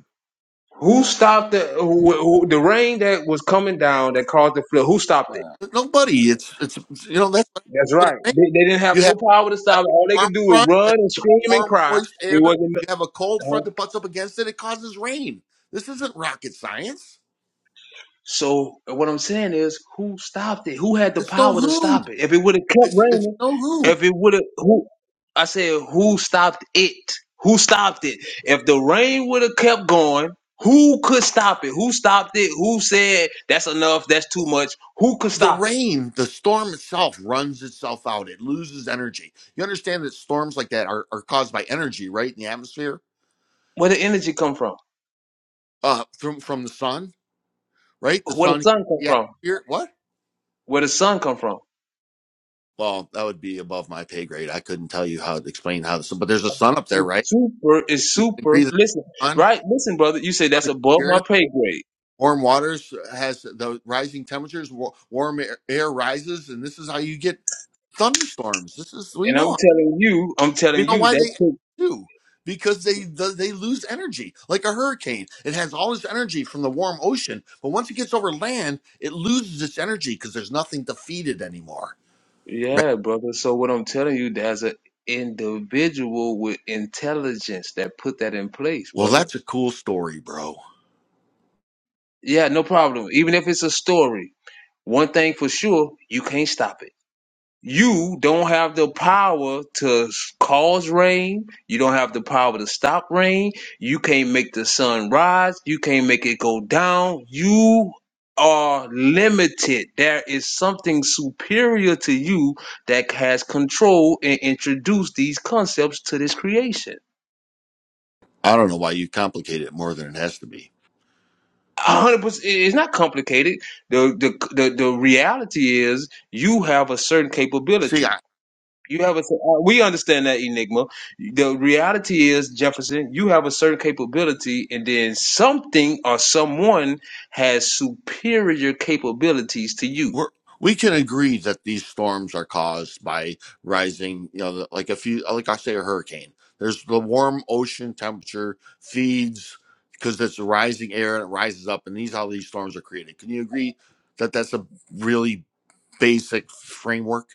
Who stopped the who, who, the rain that was coming down that caused the flood? Who stopped it?
Nobody, it's it's you know that's what happens
That's
when it
right.
rains.
They, they didn't have
You have,
no power to
you have
stop it. All they
a warm
could do was
front,
run
that's
and scream and
warm
cry.
moist air.
It wasn't.
You have a cold
uh,
front that butts up against it. It causes rain. This isn't rocket science.
so what I'm saying is, who stopped it? Who had the
It's no
power to
who.
stop it? If it would have kept
It's it's
raining,
no who.
if it would have, who? I said, who stopped it? Who stopped it? If the rain would have kept going, who could stop it? Who stopped it? Who said that's enough? That's too much? Who could
the
stop it?
rain, the storm itself runs itself out. It loses energy. You understand that storms like that are, are caused by energy, right? In the atmosphere,
Where the energy come from?
uh, from from the sun, right? The
Where the
sun,
sun come
yeah.
from?
Here, what?
Where the sun come from?
Well, that would be above my pay grade. I couldn't tell you how to explain how this, but there's a sun up there,
It's
right?
super. It's
You can
super.
agree that
Listen,
the sun
right? Listen, brother. You say that's
on
above my
here,
pay grade,
warm waters has the rising temperatures, wa- warm air, air rises, and this is how you get thunderstorms. This is we
and I'm
know
telling you, I'm telling
We know
you
why
that.
they do because they they lose energy like a hurricane. It has all this energy from the warm ocean, but once it gets over land, it loses its energy because there's nothing to feed it anymore. Right?
Yeah, brother. So what I'm telling you, there's an individual with intelligence that put that in place,
Well,
brother.
that's a cool story, bro.
Yeah, no problem. Even if it's a story, one thing for sure, you can't stop it. you don't have the power to cause rain. You don't have the power to stop rain. You can't make the sun rise. You can't make it go down. You are limited. There is something superior to you that has control and introduced these concepts to this creation.
I don't know why you complicate it more than it has to be.
A hundred percent. It's not complicated. The, the the the reality is you have a certain
See,
capability
I,
You have a. uh, We understand that enigma. The reality is, Jefferson, you have a certain capability, and then something or someone has superior capabilities to you.
we're, we can agree that these storms are caused by rising, you know, like a few, like I say, a hurricane. There's the warm ocean temperature feeds because it's rising air and it rises up, and these how these storms are created. Can you agree that that's a really basic framework?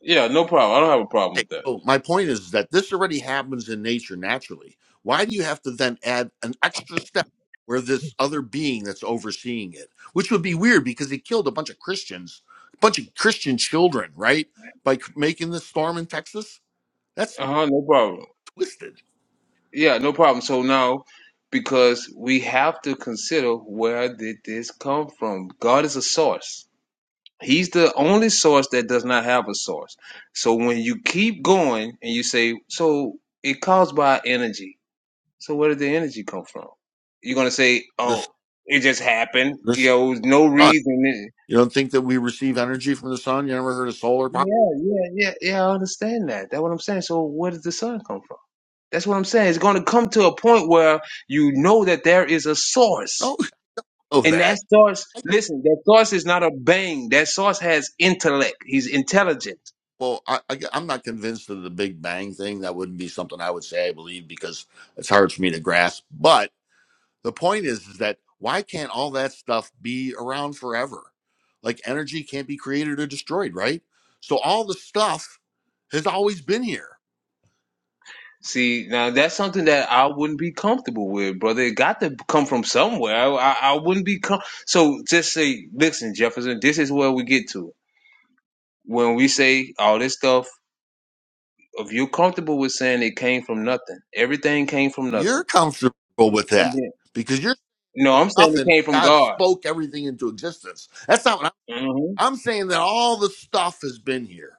Yeah, no problem. I don't have a problem
Okay,
with that.
So my point is that this already happens in nature naturally. Why do you have to then add an extra step where this other being that's overseeing it, which would be weird because he killed a bunch of Christians, a bunch of Christian children, right? By c- making this storm in Texas? That's
Uh huh. No problem.
twisted.
Yeah, no problem. So now, because we have to consider where did this come from? God is a source. He's the only source that does not have a source. So when you keep going and you say, so it caused by energy So where did the energy come from? You're gonna say,
The, s-
"Oh, it just happened."
the s-
You know, it was no
sun.
reason.
You don't think that we receive energy from the sun? You never heard of solar
Yeah,
power?
yeah, yeah, yeah. I understand that. That's what I'm saying. So where does the sun come from? That's what I'm saying. It's gonna come to a point where you know that there is a source.
No, oh
And that
that.
source, listen, that source is not a bang. That source has intellect. He's intelligent.
Well, I, I, I'm not convinced of the Big Bang thing. That wouldn't be something I would say I believe because it's hard for me to grasp. But The point is, is that why can't all that stuff be around forever? Like energy can't be created or destroyed, right? So all the stuff has always been here.
See, now that's something that I wouldn't be comfortable with, brother. It got to come from somewhere. I, I, I wouldn't be com- so. Just say, listen, Jefferson. This is where we get to when we say all this stuff. If you're comfortable with saying it came from nothing, everything came from
You're
nothing,
comfortable with
and
that
then
because you're
no, I'm saying it
nothing.
came from
God
God.
spoke everything into existence. That's not what
hmm
I'm, I'm saying. That all the stuff has been here.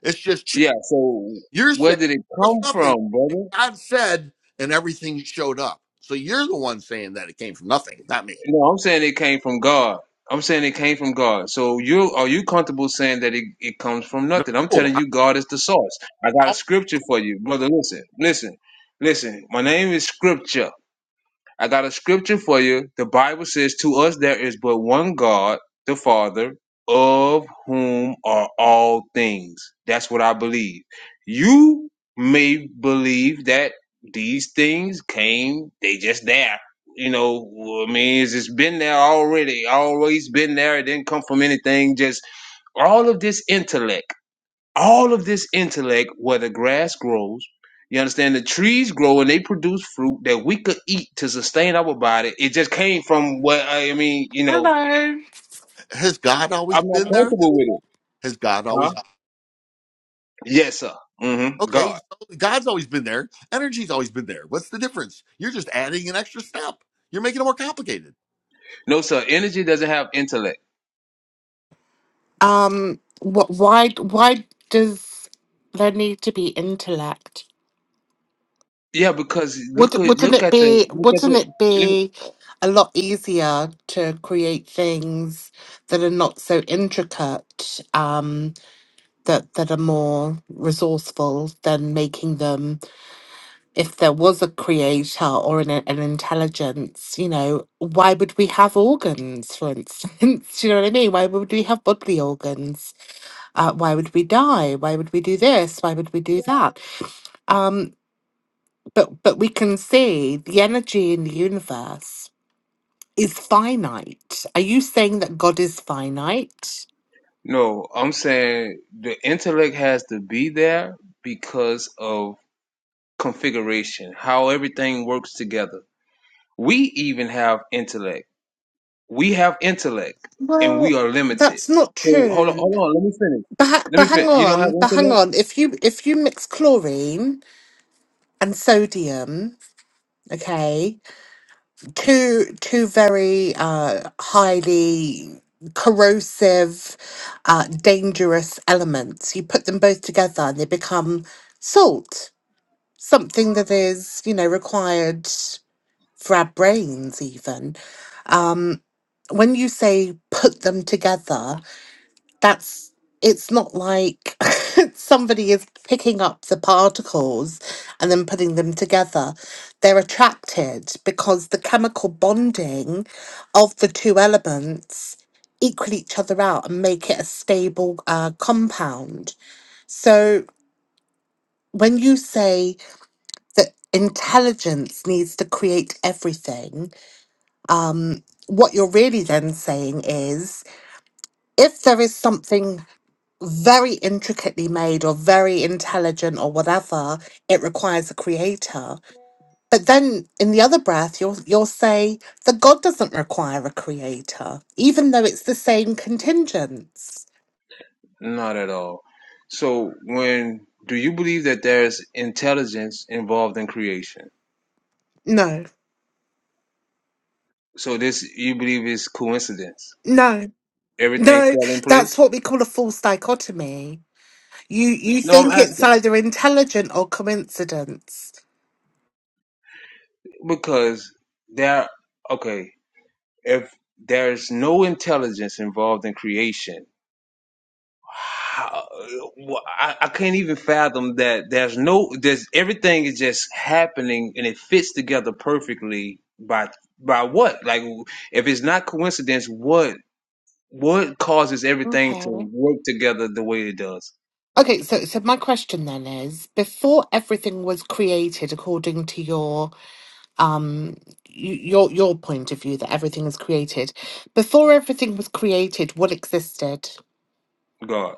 It's just ch-
Yeah. So
you're
where
saying
did it
there was
come
nothing,
from,
and
brother?
God said, and everything showed up. So you're the one saying that it came from nothing, not me.
No, I'm saying it came from God. I'm saying it came from God. So you are you comfortable saying that it, it comes from nothing? I'm
No,
telling you, God is the source. I got a
I'm
scripture for you, brother. Listen, listen, listen. My name is Scripture. I got a scripture for you. The Bible says, To us there is but one God, the Father, of whom are all things. That's what I believe. You may believe that these things came, they just there. You know, I mean, it's it's been there already, always been there. It didn't come from anything, just all of this intellect all of this intellect where the grass grows you understand the trees grow and they produce fruit that we could eat to sustain our body it just came from what i mean you know
Hello.
has God
i'm
always
not
been there?
comfortable with it
Has God
huh
always been?
yes sir hmm
okay?
god
So God's always been there. Energy's always been there. What's the difference? You're just adding an extra step. You're making it more complicated.
no sir energy doesn't have intellect
Um, what? Why? Why does there need to be intellect?
yeah because
Would,
look at
wouldn't
look
it
at the
be?
look at
Wouldn't
the
it be a lot easier to create things that are not so intricate? Um, that that are more resourceful than making them. If there was a creator or an an intelligence, you know, why would we have organs? For instance, Do you know what I mean? Why would we have bodily organs? uh, why would we die? Why would we do this? Why would we do that? Um, but but we can see the energy in the universe is finite. Are you saying that God is finite?
no i'm saying the intellect has to be there because of configuration how everything works together we even have intellect we have intellect and
Well,
we are limited.
that's not
So hold on,
true.
hold on. Let me finish.
But ha-
Let me
but hang
finish. You don't have
on, but hang
intellect?
on. If you if you mix chlorine and sodium, okay, two two very uh, highly corrosive, uh, dangerous elements. You put them both together and they become salt, something that is, you know, required for our brains even. Um, when you say put them together, that's it's not like somebody is picking up the particles and then putting them together. They're attracted because the chemical bonding of the two elements equal each other out and make it a stable uh, compound. So when you say that intelligence needs to create everything, um, what you're really then saying is if there is something very intricately made or very intelligent or whatever it requires a creator but then in the other breath you'll you'll say that god doesn't require a creator even though it's the same contingents
Not at all. So when do you believe that there's intelligence involved in creation?
no
So this you believe is coincidence?
no
Everything
no
fell in
that's
place?
what we call a false dichotomy you you
No, I'm
think it's
asking
either intelligent or coincidence
because there. Okay, if there's no intelligence involved in creation, how, wh- I, I can't even fathom that there's no there's everything is just happening and it fits together perfectly by by what like if it's not coincidence what what causes everything
okay
to work together the way it does
okay so so my question then is before everything was created according to your um y- your your point of view that everything is created before everything was created what existed
god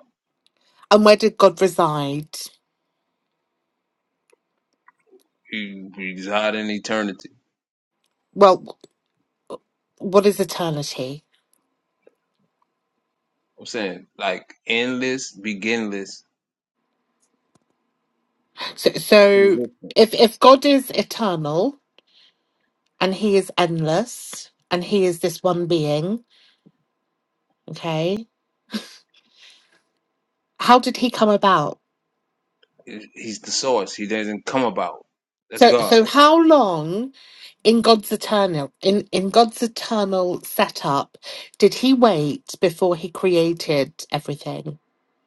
and where did god reside
he resides in eternity
well what is eternity
i'm saying like endless beginless
so so
existence
if if god is eternal and he is endless and he is this one being okay how did he come about
he's the source he doesn't come about that's
so
god
so how long in god's eternal in in god's eternal setup did he wait before he created everything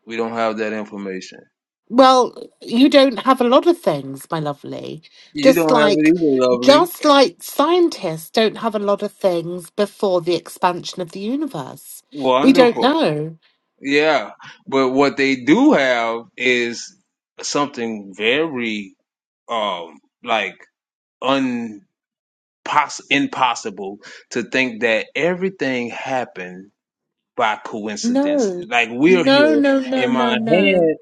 we don't have that information
Well, you don't have a lot of things, my lovely.
you
Just
don't have it
like
either lovely
just like scientists don't have a lot of things before the expansion of the universe. We don't
wonderful
know.
Yeah, but what they do have is something very um like un poss- impossible to think that everything happened by coincidence.
No.
Like we're
No,
here
no, no,
in my
no, no.
head,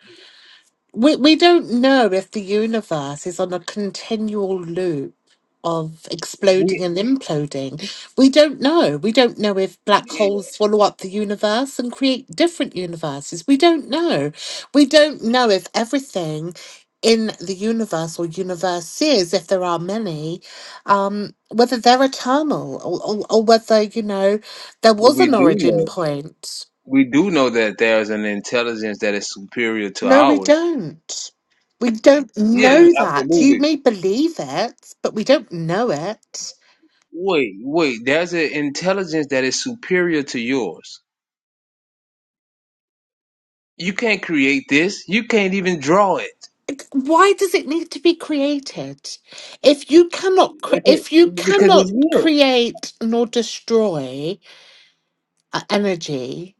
We we don't know if the universe is on a continual loop of exploding
we
and imploding. We don't know. We don't know if black
yeah,
holes swallow up the universe and create different universes. We don't know. We don't know if everything in the universe or universes, if there are many, um, whether they're eternal or, or, or whether, you know, there
but
was
we
an
do
origin
know
point.
we do know that there's an intelligence that is superior to
No, we
ours.
don't. We don't
How do
Yeah,
we
know that. You
absolutely.
may believe it, but we don't know it.
Wait, wait. There's an intelligence that is superior to yours You can't create this. You can't even draw it.
It- Why does it need to be created? If you cannot, cre-
Okay,
if you
because it's
cannot
here.
create nor destroy uh, energy,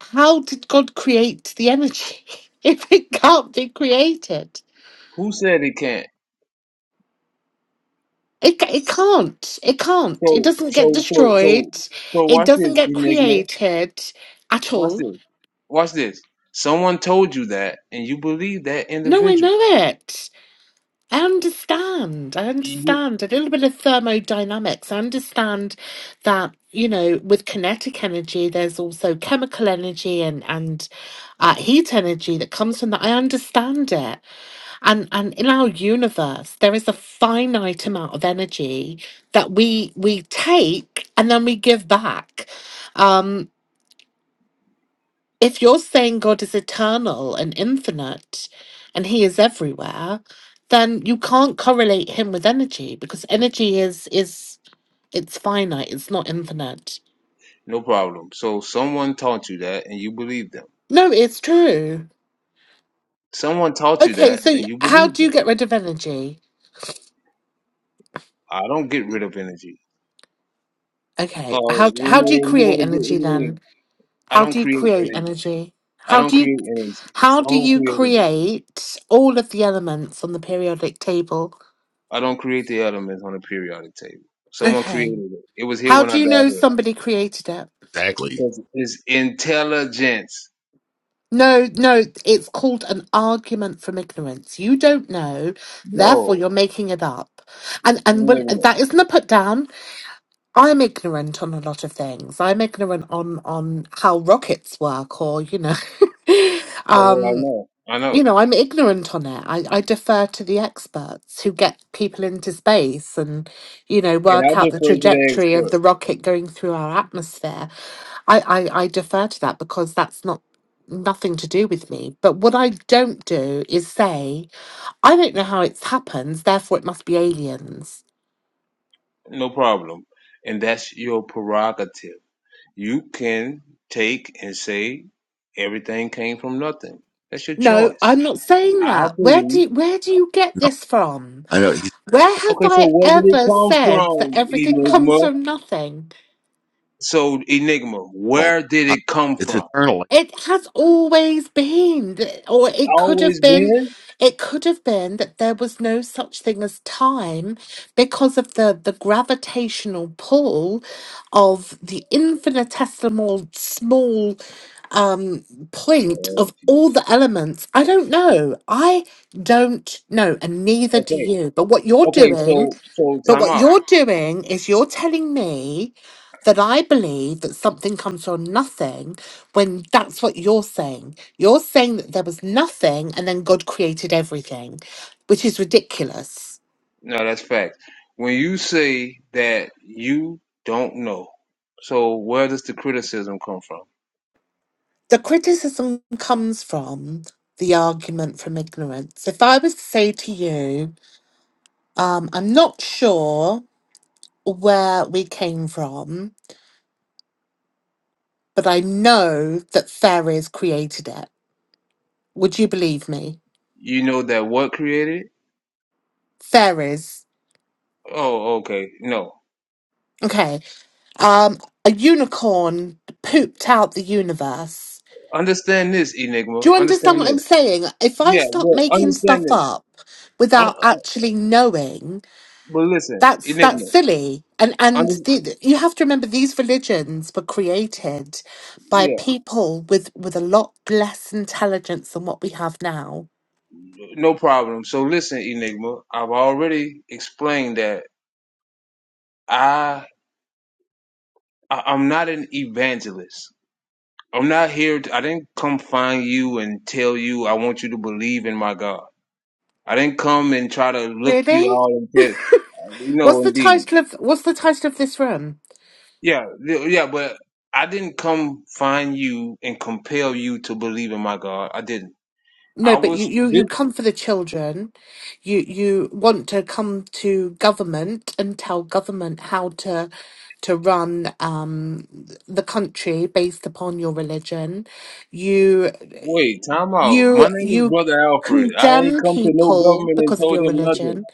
how did God create the energy if it can't be created?
Who said it can't?
It, ca- it can't. It can't. It
So,
doesn't get
so, so,
destroyed.
so, so.
It
Watch
doesn't
this,
get
Enigma.
created at
Watch
all.
this. Watch this. Someone told you that, and you believe that
No, I
individual.
know it. I understand. I
You-
understand a little bit of thermodynamics. I understand that, you know, with kinetic energy, there's also chemical energy and, and uh, heat energy that comes from that. I understand it. And, and in our universe, there is a finite amount of energy that we, we take and then we give back. Um, if you're saying God is eternal and infinite and he is everywhere, then you can't correlate him with energy because energy is is it's finite, it's not infinite.
No problem. So, someone taught you that, and you believe them.
No, it's true.
Someone taught you
Okay,
that,
so
and
y-
you
how
believe
do you
them.
get rid of energy?
I don't get rid of energy.
Okay,
Oh,
how
you
how do you
mean you
create
want to get
energy
rid of me?
then?
I
How
don't
do you
create
create
energy.
energy?
I
How
don't
do you
create energy.
how do
Someone
you
created it.
create all of the elements on the periodic table?
I don't create the elements on a periodic table. Someone
Okay.
created it. It was here
How
when
do
I
you
got
know
here
somebody created it?
exactly?
because it's intelligence.
No, no, it's called an argument from ignorance. You don't know, therefore
No,
you're making it up. And
you
and when
never know.
that isn't a put down, I'm ignorant on a lot of things. I'm ignorant on on how rockets work or, you know,
That's I
um
know. I know,
you know, I'm ignorant on it. I, I defer to the experts who get people into space and, you know,
and I
work out the
defer to the
trajectory of the
expert.
rocket going through our atmosphere. I, I, I defer to that because that's not nothing to do with me. But what I don't do is say, I don't know how it happens, therefore it must be aliens.
No problem, and that's your prerogative. You can take and say everything came from nothing. That's your
No,
choice.
I'm not saying
I
that. Where
believe.
do where do you get
No,
this from?
I know he's
Where have
Okay, so
I
where did it
ever
come
said that
from,
everything comes
Enigma?
from nothing?
So, Enigma,
eternal. like
where did
God.
it come
It's
from?
eternal.
It has always been, th- or it could
Always
have been,
been.
it could have been that there was no such thing as time because of the, the gravitational pull of the infinitesimal small um, point
Oh,
of
gee.
all the elements. I don't know. I don't know, and neither do
Okay.
you. But what you're
Okay.
doing
So, so
but
time
what
out.
you're doing is you're telling me that I believe that something comes from nothing when that's what you're saying. You're saying that there was nothing and then God created everything, which is ridiculous.
No, that's fact. When you say that you don't know, so where does the criticism come from?
The criticism comes from the argument from ignorance. If I was to say to you, um, I'm not sure where we came from, but I know that fairies created it, would you believe me?
You know that what created? it?
Fairies.
Oh, okay. No.
Okay, Um, a unicorn pooped out the universe.
Understand this, Enigma.
Do you understand
Understand
what I'm
this.
saying? If I
Yeah.
start
Well,
making
understand
stuff
this.
up
Uh,
without actually knowing,
but listen,
that's that's
Enigma.
silly. And and
Under,
the, you have to remember these religions were created by
yeah.
people with with a lot less intelligence than what we have now.
No problem. So listen, Enigma. I've already explained that I, I I'm not an evangelist. I'm not here. To, I didn't come find you and tell you I want you to believe in my God. I didn't come and try to look you
Really?
all and tell you
What's
know
the
indeed.
title of What's the title of this room?
Yeah, th- yeah, but I didn't come find you and compel you to believe in my God. I didn't. I
No, but
was
you, you, you
this
come for the children. You you want to come to government and tell government how to to run um, the country based upon your religion. You
wait, time out. My
you
name is
you
Brother Alfred. I ain't
condemn
come to no
people
government and
because of
told
your
them nothing.
religion,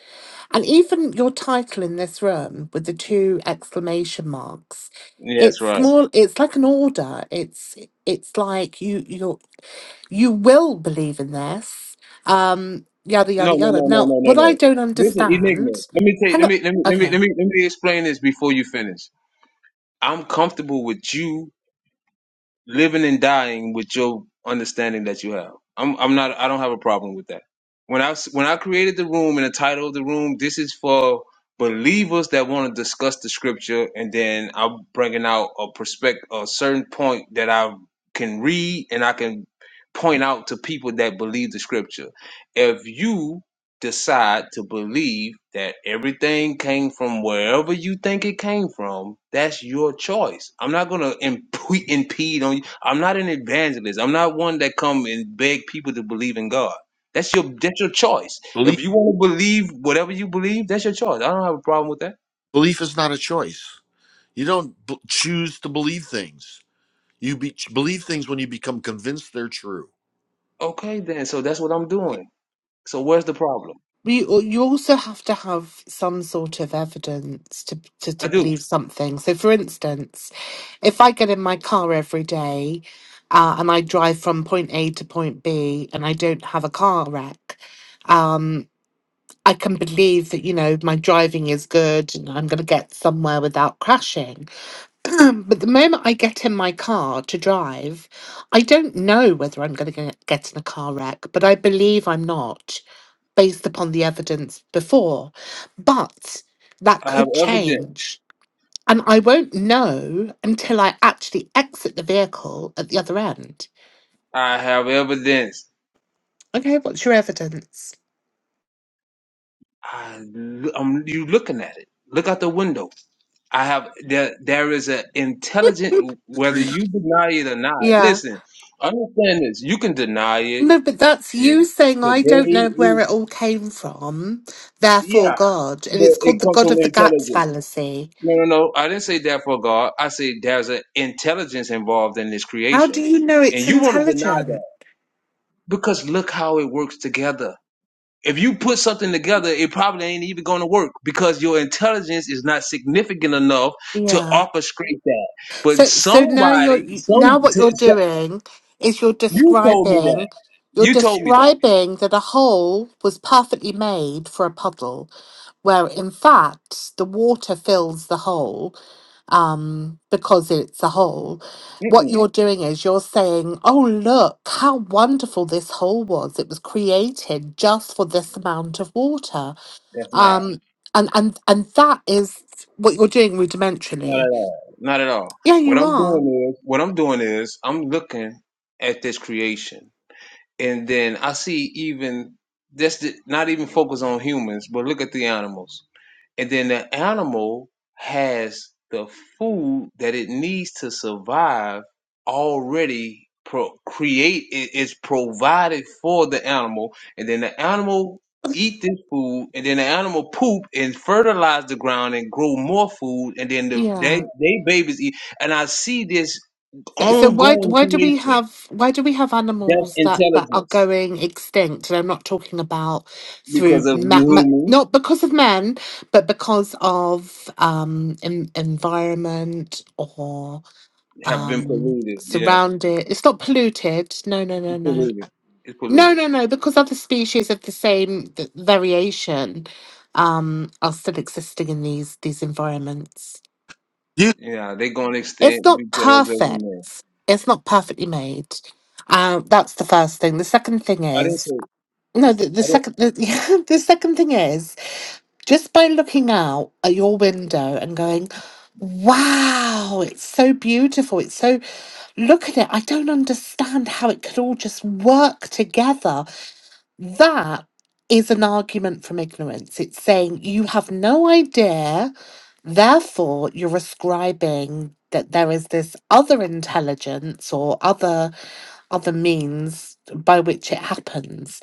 and even your title in this room with the two exclamation marks.
Yeah, That's
It's
right.
more. It's like an order. It's it's like you you're you will believe in this, um, yada
No,
yada
no,
yada.
no, no,
Now,
no, no,
what I
no.
don't
Listen, Enigma.
understand,
Let me take
hang
let
on,
me let me let me
okay,
let me let me explain this before you finish. I'm comfortable with you living and dying with your understanding that you have. I'm I'm not I don't have a problem with that. When I when I created the room and the title of the room, this is for believers that want to discuss the scripture, and then I'm bringing out a perspective, a certain point that I can read and I can point out to people that believe the scripture. If you decide to believe that everything came from wherever you think it came from, that's your choice. I'm not going to imp- impede on you. I'm not an evangelist. I'm not one that come and beg people to believe in God. That's your that's your choice. If
Belief
you want to believe whatever you believe, that's your choice. I don't have a problem with that.
belief is not a choice. You don't b- choose to believe things. You be- believe things when you become convinced they're true.
Okay, then. So that's what I'm doing. So where's the problem?
you you also have to have some sort of evidence to, to
I
to
do.
believe something. So, for instance, if I get in my car every day. Uh, and I drive from point A to point B, and I don't have a car wreck. Um, I can believe that you know my driving is good, and I'm going to get somewhere without crashing Um, but the moment I get in my car to drive, I don't know whether I'm going to get in a car wreck, but I believe I'm not based upon the evidence before. But that
I have
could
evidence.
change. And I won't know until I actually exit the vehicle at the other end.
I have evidence.
Okay, what's your evidence?
I, I'm, you looking at it. Look out the window. I have there there is an intelligent
The
whether
tree.
you deny it or not.
Yeah.
Listen, understand this. You can deny it
No, but that's
yeah.
you saying I don't
today.
know where
Is,
it all came from, therefore
yeah,
God. And
but
it's
it
called the
comes
God
from
of the Gaps
intelligence.
fallacy.
No, no, no. I didn't say that for God. I say there's an intelligence involved in this
How do
creation,
you know
and
it's
you want to deny
intelligent?
that because look how it works together. if you put something together, it probably ain't even going to work because your intelligence is not significant enough to
Yeah.
orchestrate that.
So
But
so now you're
somebody,
now
some,
what you're
t- so-
doing is you're
you told me that.
describing you're
You told me that.
describing that a hole was perfectly made for a puddle, where in fact the water fills the hole um, because it's a hole. What
Mm-mm,
you're doing is you're saying, "Oh look, how wonderful this hole was! It was created just for this amount of water."
that's not.
Um, and and and that is what you're doing
Not
rudimentarily.
at all. Not at all.
Yeah,
What
you
I'm
are.
doing is, what I'm doing is, I'm looking at this creation, and then I see even that's the, not even focus on humans, but look at the animals and then the animal has the food that it needs to survive already pro- create it is provided for the animal and then the animal eat this food and then the animal poop and fertilize the ground and grow more food and then the they,
Yeah.
they babies eat and i see this
So, so why
ongoing
why do we
creation
have why do we have
that's
animals that that are
intelligence
going extinct? And I'm not talking about
because
through
of you
ma- ma-
humans
not because of men, but because of um en- environment or
have been
um
polluted yeah
surrounded. It's not polluted. No, no, no,
it's
no.
polluted it's polluted
No, no, no, because other species of the same th- variation um, are still existing in these these environments.
You,
Yeah, they gonna extend
It's not
because of
perfect.
man.
It's not perfectly made. Uh, that's the first thing. The second thing
I didn't
is
say
no. The, the
I didn't
second the, yeah, the second thing is just by looking out at your window and going, "Wow, it's so beautiful. It's so look at it. I don't understand how it could all just work together." That is an argument from ignorance. It's saying you have no idea, therefore, you're ascribing that there is this other intelligence or other other means by which it happens.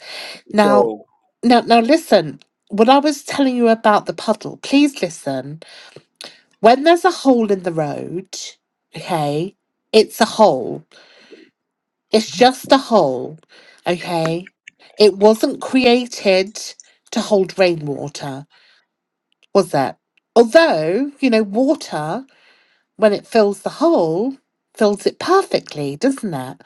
Now,
so
now, now, listen. When I was telling you about the puddle, please listen. When there's a hole in the road, okay, it's a hole it's just a hole, okay? It wasn't created to hold rainwater, was it? Although, you know, water, when it fills the hole, fills it perfectly, doesn't it?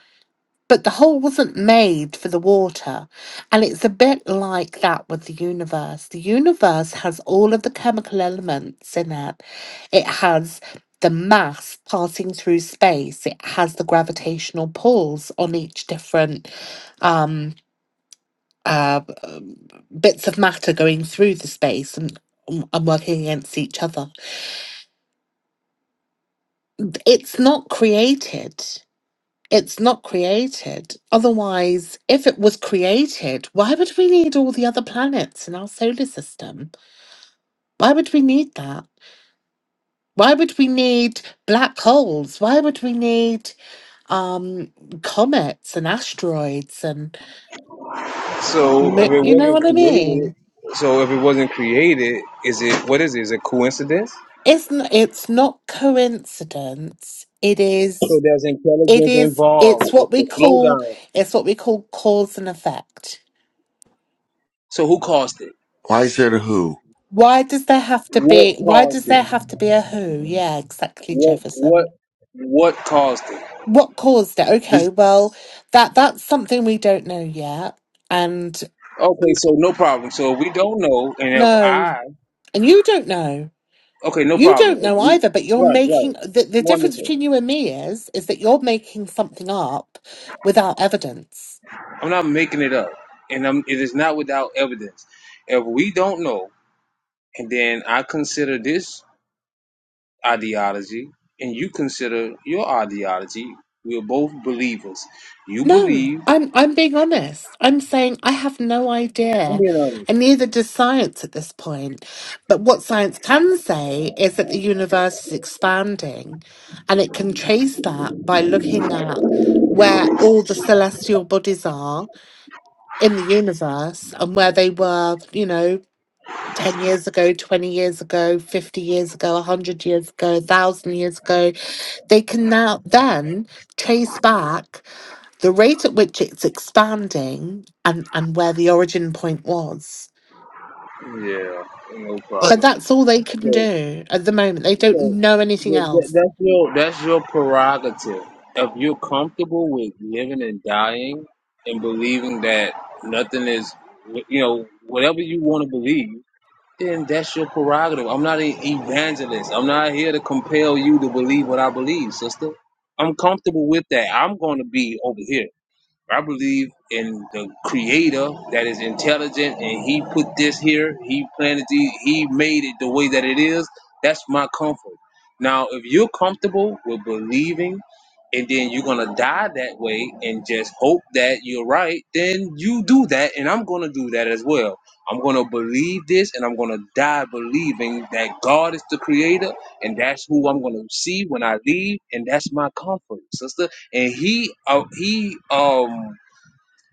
But the hole wasn't made for the water. And it's a bit like that with the universe. The universe has all of the chemical elements in it, it has the mass passing through space, it has the gravitational pulls on each different um, uh, um, bits of matter going through the space and, um, and working against each other. It's not created. It's not created. Otherwise, if it was created, why would we need all the other planets in our solar system? Why would we need that? Why would we need black holes? Why would we need um, comets and asteroids and
so if
mo-
it
you know
wasn't
what I mean?
created so if it wasn't created, is it what is it? Is it coincidence?
It's not, it's not coincidence. It
So
is
there's
it
intelligence
is
involved
it's
with
what
the
we call
slowdown.
it's what we call cause and effect.
So who caused it?
why is there a who?
Why does there have to
What
be why
caused
does there
it?
have to be a who? Yeah, exactly,
What what
Jefferson.
what caused it?
What caused it? Okay,
Is,
well, that that's something we don't know yet. And
Okay, so no problem. So we don't know and if
no,
I
and you don't know.
okay, no
You
problem.
don't
If
know
we,
either, but you're
right, right.
making the, the difference
Wonderful.
between you and me is is that you're making something up without evidence
I'm not making it up, and I'm, it is not without evidence. If we don't know, and then I consider this ideology, and you consider your ideology, we're both believers. You
No,
believe.
I'm I'm being honest. I'm saying I have no
I'm
idea,
being
and neither does science at this point. But what science can say is that the universe is expanding, and it can trace that by looking at where all the celestial bodies are in the universe and where they were, you know, 10 years ago, 20 years ago, 50 years ago, 100 years ago, 1,000 years ago. They can now then trace back the rate at which it's expanding and, and where the origin point was.
honest. Yeah, no
but
But
problem.
that's all they can
So,
do at the moment. They don't
so
know anything
th- th-
else.
that's your that's your prerogative. If you're comfortable with living and dying, and believing that nothing is, you know, whatever you want to believe then that's your prerogative. I'm not an evangelist. I'm not here to compel you to believe what I believe, sister. I'm comfortable with that. I'm going to be over here. I believe in the creator that is intelligent and he put this here, he planted the, he made it the way that it is. That's my comfort. Now, if you're comfortable with believing and then you're gonna die that way and just hope that you're right, then you do that and I'm gonna do that as well. I'm gonna believe this and I'm gonna die believing that God is the creator and that's who I'm gonna see when I leave, and that's my comfort, sister and he uh, he um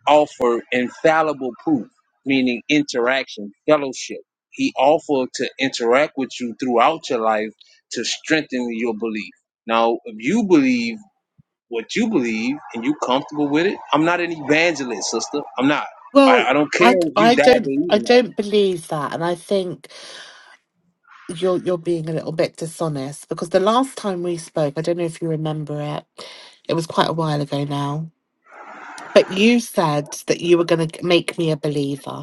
offered infallible proof, meaning interaction, fellowship. He offered to interact with you throughout your life to strengthen your belief. Now, if you believe what you believe and you comfortable with it, I'm not an evangelist, sister. I'm not.
well
I, I don't care
I
if
I
you die
do not I, d- I don't I
believing that.
don't believe that, and I think you're you're being a little bit dishonest because the last time we spoke, I don't know if you remember it, it was quite a while ago now. But you said that you were going to make me a believer.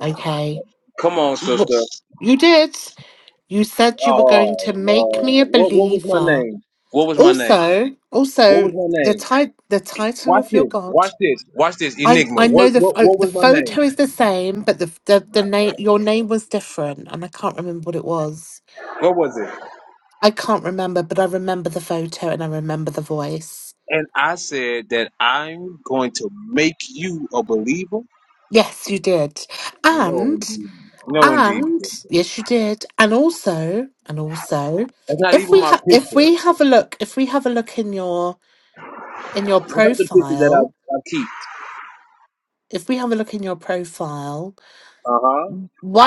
Okay,
Come on,
Well,
sister.
you did. You said you were
Oh,
going to make me a
uh, what what was my
believer
name? What was my name?
Also,
What
also
was my
the
name?
ti- the title
Watch
of your
this.
god.
Watch this. Watch this.
I
Enigma.
I know
What
the
what
pho-
what
the
was my name?
photo is the same, but the the, the name your name was different, and I can't remember what it was.
What was it?
I can't remember, but I remember the photo and I remember the voice.
And I said that I'm going to make you a believer.
Yes, you did,
No,
and
indeed. No, indeed.
and
sister.
yes, you did, and also and also,
That's not
if
even
we
my
ha- if
picture.
we have a look, if we have a look in your in your
That's not the picture that
profile,
I, I keep.
if we have a look in your profile,
Uh huh.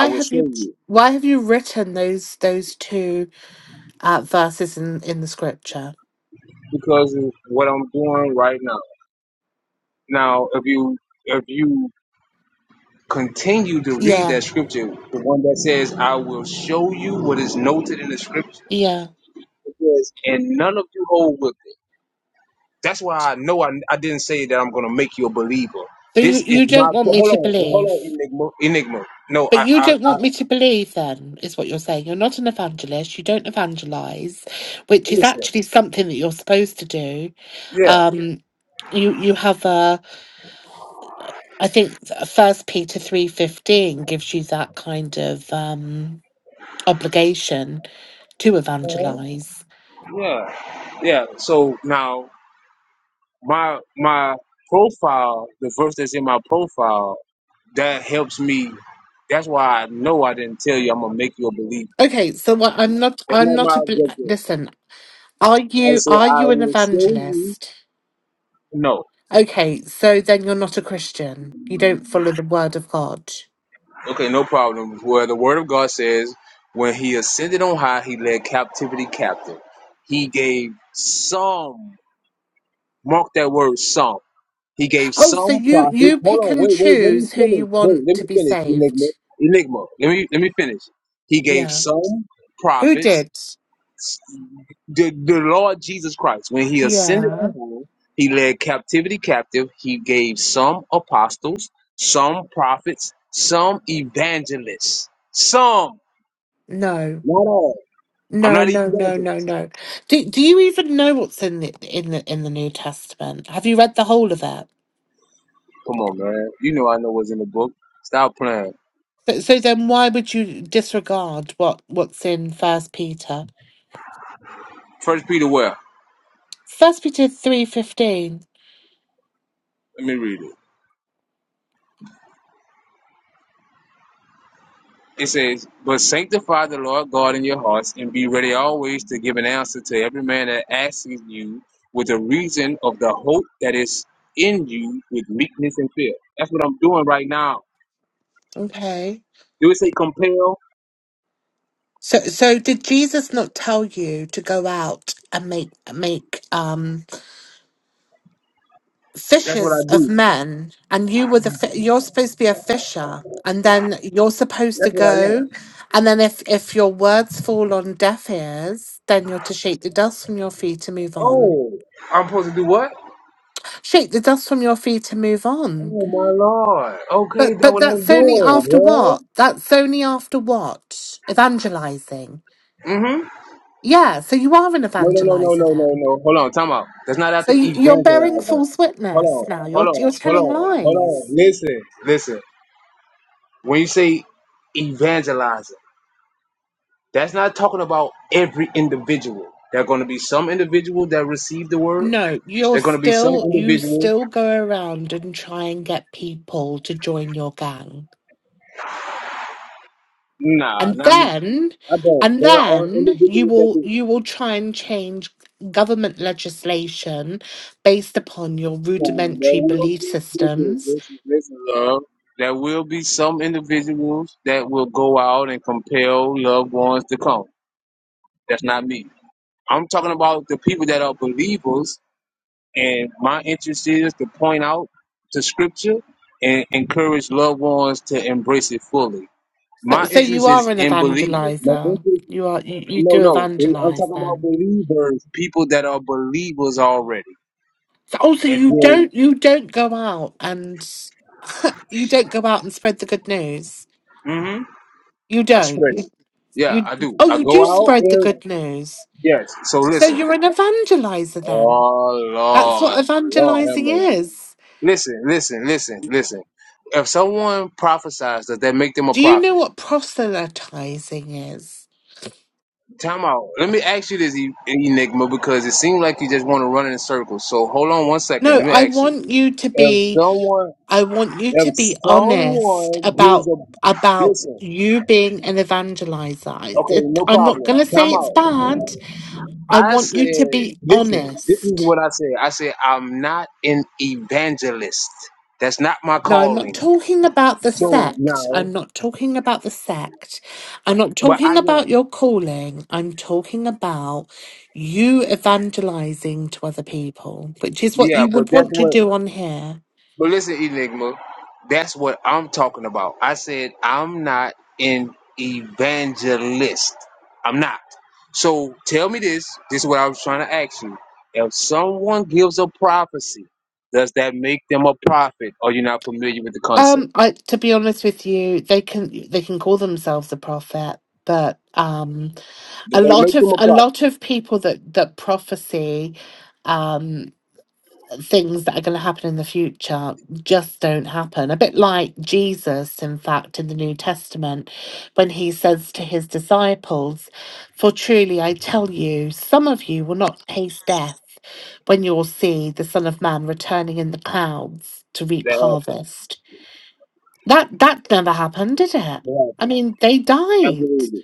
I will
have
show
you
you
why have you written those those two uh, verses in in the scripture?
because of what I'm doing right now. Now, if you if you continue to read
Yeah,
that scripture, the one that says, "I will show you what is noted in the scripture,"
yeah.
it says, "And none of you hold with." it." That's why I know I, I didn't say that I'm gonna make you a believer.
But you
This is
you don't
my
want me
hold
to
on, hold
believe,
on, Enigma. Enigma. No,
but
I,
you
I,
don't
I
want me to believe. Then is what you're saying. You're not an evangelist. You don't evangelize, which is
listen.
actually something that you're supposed to do.
Yeah,
Um, you you have a I think First Peter three fifteen gives you that kind of um obligation to evangelize.
yeah, yeah. So now my my profile, the verse that's in my profile, that helps me. That's why I know I didn't tell you I'm gonna make you a believer.
Okay, so what I'm not,
That's
I'm
not
not
my
a. bel-
objective.
Listen, are
I
you
say
are
I
you an
will show you.
evangelist?
No.
Okay, so then you're not a Christian. You don't follow the word of God.
Okay, no problem. Well, the word of God says, when he ascended on high, he led captivity captive. He gave some, mark that word, some. He gave
Oh, so
some
you
prophets.
you
Hold
pick
on,
and
wait, wait, let me
choose who you
finish. Wait,
want
let
to
me
be
finish, Enigma.
saved.
Enigma, let me, let me finish. He gave
Yeah.
some
Who
prophets,
did?
the, the Lord Jesus Christ, when he ascended
Yeah.
on high, he led captivity captive. He gave some apostles, some prophets, some evangelists, some,
No.
not all. I'm
No,
not an
no, no, no,
evangelist.
no. Do do you even know what's in the in the in the New Testament? Have you read the whole of it?
Come on, man. You know I know what's in the book. Stop playing.
So, so then why would you disregard what what's in First Peter?
First Peter where?
First Peter three fifteen.
Let me read it. It says, But sanctify the Lord God in your hearts, and be ready always to give an answer to every man that asks you with a reason of the hope that is in you with meekness and fear. That's what I'm doing right now.
Okay.
Do it say compel?
So so did Jesus not tell you to go out and make make um
That's what I
fishers of
do.
men and you were the fi- you're supposed to be a fisher and then you're supposed to
That's what I
go
am.
and then if if your words fall on deaf ears then you're to shake the dust from your feet and move on.
Oh, I'm supposed to do what?
Shake the dust from your feet and move on.
Oh my Lord. Okay,
But
that's
but
what
that's
I'm
only
doing,
after
bro.
what? That's only after what? Evangelizing.
Mm-hmm.
Yeah, so you are an
No, no, no, no,
evangelizer
no, no,
then.
no. Hold on, time out. That's not
So
after
you- you're bearing
evangelizing.
false
Hold
witness
on,
now.
hold
You're you're
on, hold
telling
on, hold on.
lies.
Listen, listen. When you say evangelizing, that's not talking about every individual. There are going to be some individual that receive the word.
No, you're
There are going to be some
still you
individual.
still go around and try and get people to join your gang.
Nah,
And
not me.
then
I don't.
and
There are
then you
individuals that
will
do.
you will try and change government legislation based upon your
Nah, there
rudimentary
will
belief
be. Listen,
systems.
listen, listen, love. There will be some individuals that will go out and compel loved ones to come. That's not me. I'm talking about the people that are believers And my interest is to point out to scripture and encourage loved ones to embrace it fully.
So,
My
so you
interest
are
is
an
in believers. My
evangelizer.
interest,
You are you, you
no,
do
no, they, I'm
evangelize
talking about
then.
believers, people that are believers already.
Also,
And
you
then,
don't you don't go out and you don't go out and spread the good news.
hmm
You
I
don't.
spread
You,
it. Yeah,
you
I do.
oh
I
you
go
do
out
spread the
and,
good news.
yes. So
So
listen.
you're an evangelizer then.
Oh,
That's
Lord.
what
Lord have
evangelizing
mercy.
is.
Listen, listen, listen, listen. If someone prophesies, does that make them a
Do you know
prophet?
what proselytizing is?
Time out. Let me ask you this, E- Enigma, because it seems like you just want to run in circles. So hold on one second.
No,
Let me
I
ask you.
want you to
If
be
someone,
I want you
if
to be honest
someone
about
gives a
about
listen,
you being an evangelizer. I-
okay,
it-
no
I'm not
problem.
going to say
Time
it's
out.
bad. I
I
want you to
said,
be
listen. This is
honest.
what I said. I said I'm not an evangelist. That's not my
No, I'm not
calling.
talking about the
So
sect.
now,
I'm not talking about the sect. I'm not
but I
talking about
am.
your calling. I'm talking about you evangelizing to other people, which is what
Yeah,
you
but
would
that's
want to
what.
do on here.
But listen, Enigma, that's what I'm talking about. I said I'm not an evangelist. I'm not. So tell me this. This is what I was trying to ask you. If someone gives a prophecy, does that make them a prophet? Or you're not familiar with the concept?
Um, I to be honest with you, they can they can call themselves a prophet, but um,
They
a
don't
lot
make them
of
a
a
prophet.
lot of people that that prophecy, things that are going to happen in the future just don't happen. A bit like Jesus, in fact, in the New Testament, when he says to his disciples, For truly I tell you, some of you will not taste death when you'll see the Son of Man returning in the clouds to
That
reap
happened.
harvest. That that never happened, did it?
That
I
happened.
mean, they died.
Absolutely.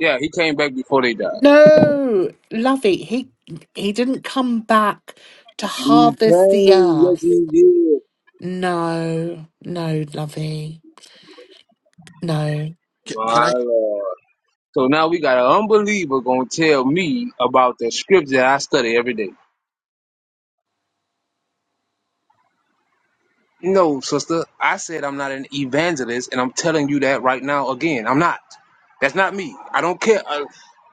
Yeah, he came back before they died.
No, Lovey, he he didn't come back to
He
harvest the
came. Yes,
earth
he did.
No, no, lovey. No.
can, can
My
I?
lord. So now we got an unbeliever gonna tell me about the scripture that I study every day. No, sister, I said I'm not an evangelist, and I'm telling you that right now again. I'm not. That's not me. I don't care. Uh,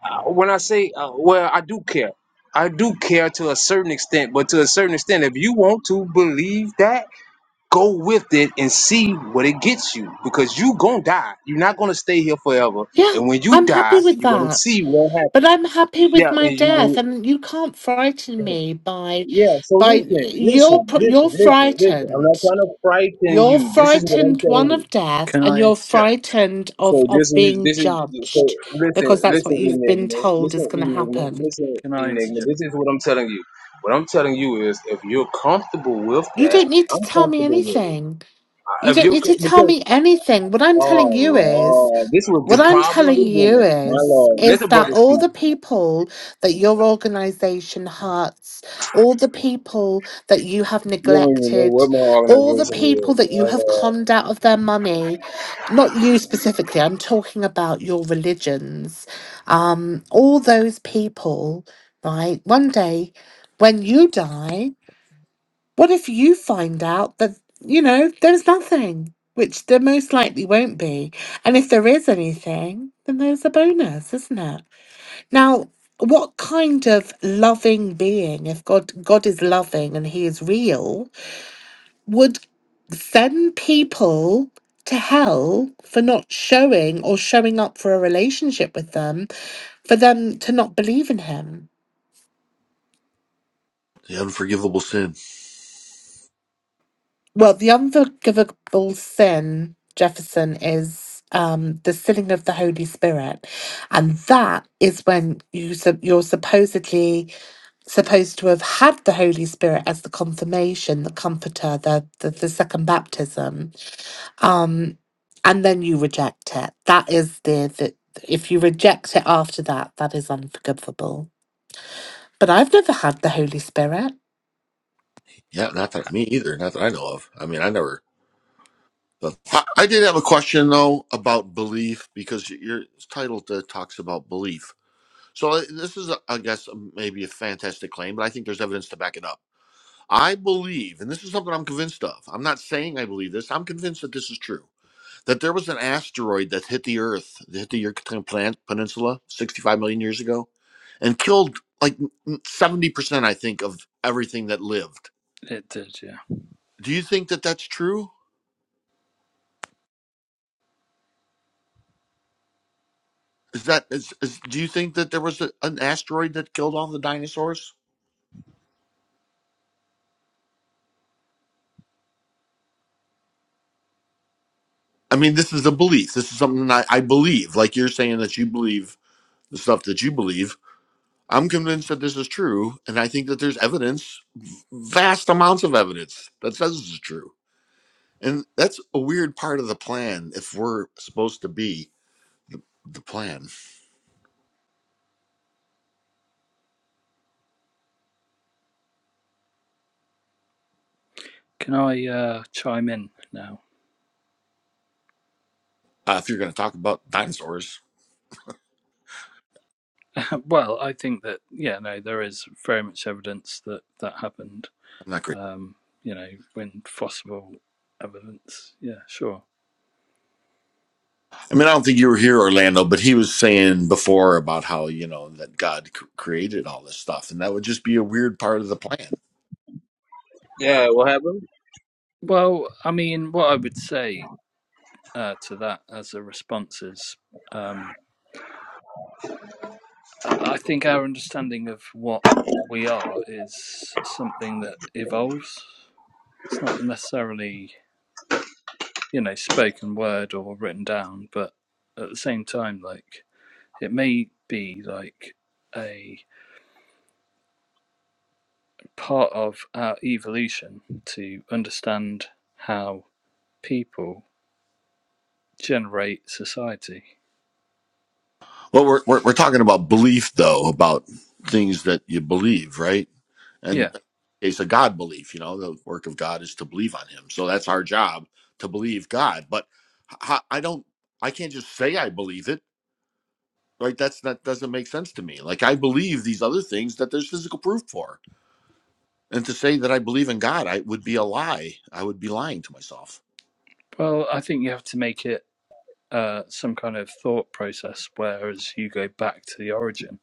uh, when I say, uh, well, I do care. I do care to a certain extent, but to a certain extent, if you want to believe that, go with it and see what it gets you, because you gonna die. You're not gonna stay here forever,
Yeah,
and when you
I'm happy
die,
with
you're gonna
that.
see what
But
happened.
I'm happy with
Yeah,
my
and
death
you.
and you can't frighten me by
Yeah, so
by
listen,
you're
listen,
pro- you're
listen, listen, listen. I'm not
frightened.
trying to frighten
You're
you. This is what I'm
frightened
telling
one
you.
of death
can
and
I
you're
interject?
frightened of
So this
of
is
being
this is so
judged because
listen,
that's what
listen,
you've been
Enigma.
told is
Listen,
going to
Enigma,
happen.
listen,
Can I
Enigma.
interject?
This is what I'm telling you. What I'm telling you is if you're comfortable with
You
that,
don't need to
I'm
tell me
comfortable with it.
anything. You
If
don't
you
need to tell
because
me anything. What I'm telling
oh
you is
Lord, this was
What
the
I'm
problem
telling
with
you
women. My
is,
Lord. Let
is
the
that
brother
all
speak.
the people that your organization hurts, all the people that you have
You don't even know
neglected,
what my
all the
organization
people
is.
that
My
you have
Lord.
conned out of their money, not you specifically, I'm talking about your religions, um, all those people, right? One day when you die, what if you find out that, you know, there's nothing, which there most likely won't be? And if there is anything, then there's a bonus, isn't it? Now, what kind of loving being, if God God is loving and he is real, would send people to hell for not showing or showing up for a relationship with them, for them to not believe in him?
The unforgivable sin.
Well, the unforgivable sin, Jefferson, is um, the sinning of the Holy Spirit, and that is when you sup- you're supposedly supposed to have had the Holy Spirit as the confirmation, the comforter, the the, the second baptism, um, and then you reject it. That is the, the if you reject it after that, that is unforgivable. But I've never had the Holy Spirit.
Yeah, not that me either. Not that I know of. I mean, I never. So I, I did have a question though about belief because your title t- talks about belief. So I- this is, a, I guess, maybe a fantastic claim, but I think there's evidence to back it up. I believe, and this is something I'm convinced of. I'm not saying I believe this. I'm convinced that this is true. That there was an asteroid that hit the Earth, that hit the Yucatan Plan- Peninsula 65 million years ago, and killed like 70 percent, I think, of everything that lived.
It did, yeah.
Do you think that that's true? Is that is, is do you think that there was a, an asteroid that killed all the dinosaurs? I mean, this is a belief. This is something that I, I believe. Like you're saying that you believe the stuff that you believe. I'm convinced that this is true, and I think that there's evidence, vast amounts of evidence, that says this is true. And that's a weird part of the plan if we're supposed to be the, the plan.
Can I uh, chime in now?
Uh, if you're going to talk about dinosaurs,
Well, I think that yeah, no, there is very much evidence that that happened.
I'm not crazy.
Um, you know, when fossil evidence, yeah, sure.
I mean, I don't think you were here, Orlando, but he was saying before about how you know that God c- created all this stuff, and that would just be a weird part of the plan.
Yeah, what happened?
Well, I mean, what I would say uh, to that as a response is, um, I I think our understanding of what we are is something that evolves. It's not necessarily you know spoken word or written down but at the same time like it may be like a part of our evolution to understand how people generate society
Well, we're we're, we're talking about belief, though, about things that you believe, right? And
yeah
uh, it's a God belief. You know, the work of God is to believe on Him, so that's our job to believe God. But h- I don't, I can't just say I believe it, right? That's that doesn't make sense to me. Like I believe these other things that there's physical proof for And to say that I believe in God, I would be a lie. I would be lying to myself.
well i think you have to make it uh, some kind of thought process whereas you go back to the origin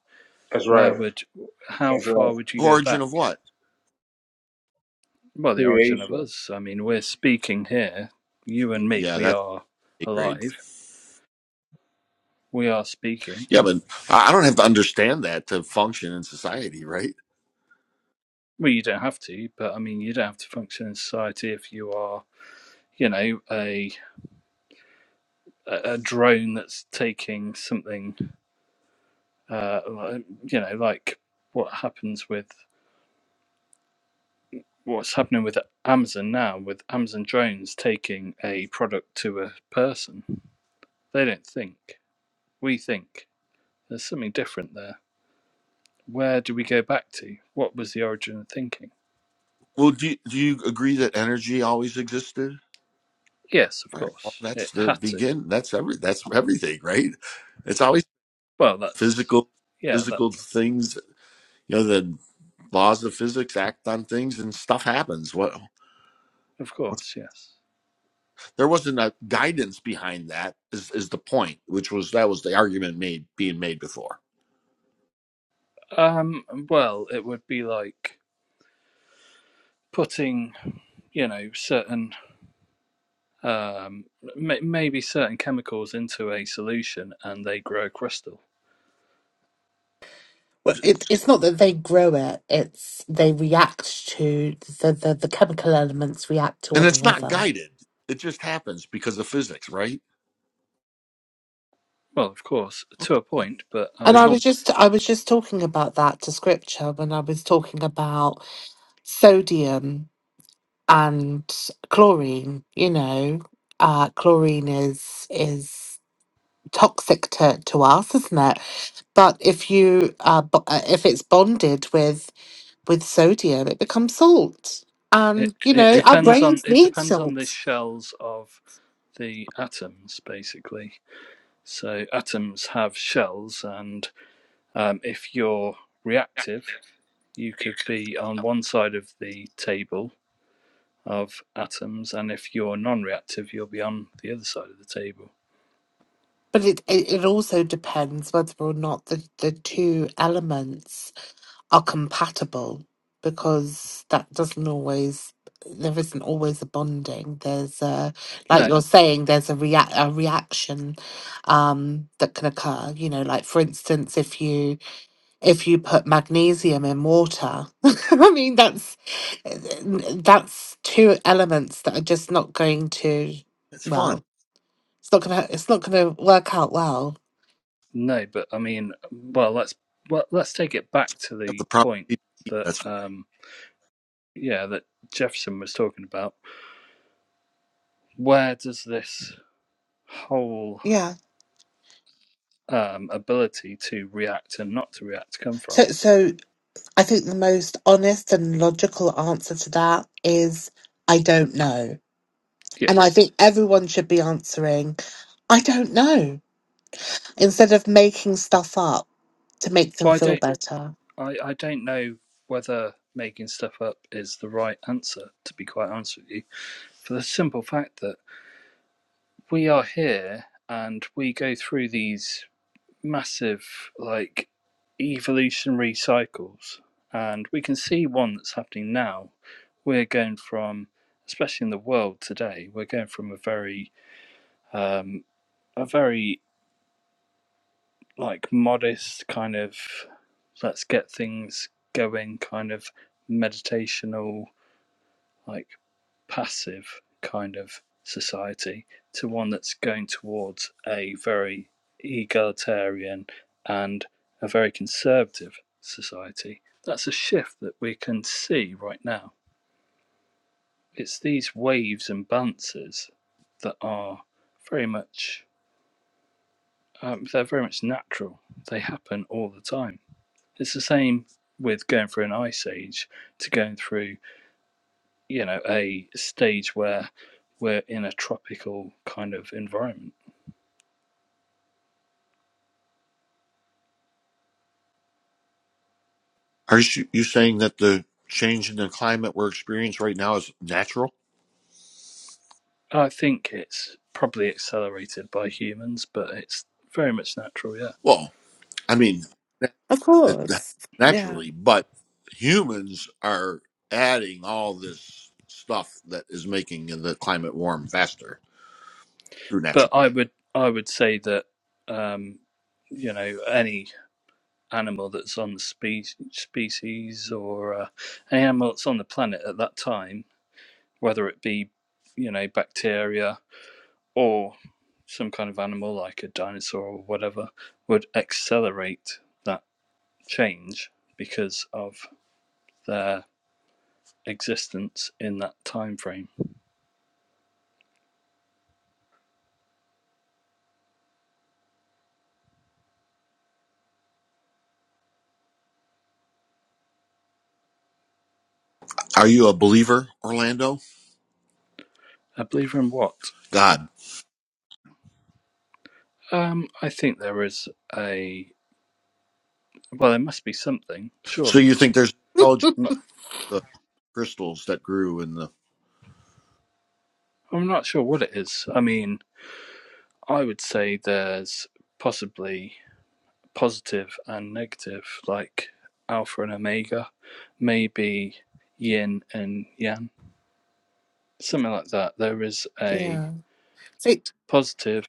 That's
where
right.
would how
That's right.
far would you go
Origin
back
of what?
well the origin of
Creation.
us i mean we're speaking here you
Y-
and me
Yeah,
we
that's
are
A grade.
alive we are speaking.
Yeah, but I I don't have to understand that to function in society, right?
Well, you don't have to, but I mean, you don't have to function in society if you are, you know, a a drone that's taking something, uh, like- you know, like what happens with what's happening with Amazon now, with Amazon drones taking a product to a person. They don't think. We think. There's something different there. Where do we go back to? What was the origin of thinking?
Well, do do you agree that energy always existed?
Yes, of
All right. Well,
course,
that's
it
the
had to.
begin. That's every. That's everything, right? It's always
Well, that's
physical,
yeah, that.
physical things. You know, the laws of physics act on things, and stuff happens. What?
Of course, yes.
there wasn't a guidance behind that is, is the point which was that was the argument made being made before
Um, well, it would be like putting, you know, certain, um, may maybe certain chemicals into a solution and they grow crystal.
Well, it, it's not that they grow it; it's they react to the, the the chemical elements react to
and
one
it's not
another.
guided it just happens because of physics right
Well, of course, to
okay
a point, but I
And
there's
I
no
was
mean,
just I was just talking about that to scripture when I was talking about sodium and chlorine you know uh chlorine is is toxic to to us isn't it but if you uh bo- uh, if it's bonded with with sodium it becomes salt
it,
and you
it
know
right?
our
depends on
brains
it
need
depends on the
salt
shells of the atoms, basically. So atoms have shells, and um, if you're reactive, you could be on one side of the table of atoms, and if you're non-reactive, you'll be on the other side of the table.
but it it, it also depends whether or not the the two elements are compatible because that doesn't always there isn't always a bonding there's a like
No,
you're saying there's a react a reaction um that can occur you know like for instance if you if you put magnesium in water i mean that's that's two elements that are just not going to
that's fun
well it's not gonna it's not gonna work out well
no, but I mean, well, let's well, let's take it back to
that's
the
the problem
point that
that's fun.
um, yeah, that Jefferson was talking about. Where does this whole
yeah
um, ability to react and not to react come
so
from?
so I think the most honest and logical answer to that is I don't know. And I
Yes.
think everyone should be answering I don't know instead of making stuff up to make them
Well, I
feel
don't,
better.
I, I don't know whether making stuff up is the right answer. To be quite honest with you, for the simple fact that we are here and we go through these massive like evolutionary cycles and we can see one that's happening now we're going from especially in the world today we're going from a very um a very like modest kind of let's get things going kind of meditational like passive kind of society to one that's going towards a very egalitarian and a very conservative society. That's a shift that we can see right now. It's these waves and bounces that are very much um, they're very much natural. They happen all the time. It's the same with going through an ice age to going through you know a stage where we're in a tropical kind of environment.
are you, you saying that the change in the climate we're experiencing right now is natural
I think it's probably accelerated by humans, but it's very much natural, yeah.
well i mean
Of
It happens
course. Yeah.
naturally, but humans are adding all this stuff that is making the climate warm faster through
But
natural.
I would I would say that um, you know any animal that's on the spe- species or uh, any animal that's on the planet at that time, whether it be you know bacteria or some kind of animal like a dinosaur or whatever, would accelerate that change because of their existence in that time frame.
Are you a believer, Orlando?
I believe in what?
God.
Um, I think there is a well, there must be something,
So
surely.
you think there's intelligence,
not,
the crystals that grew in the
I'm not sure what it is. I mean, I would say there's possibly positive and negative, like alpha and omega, maybe yin and yang, something like that. There is a
Yeah. So,
positive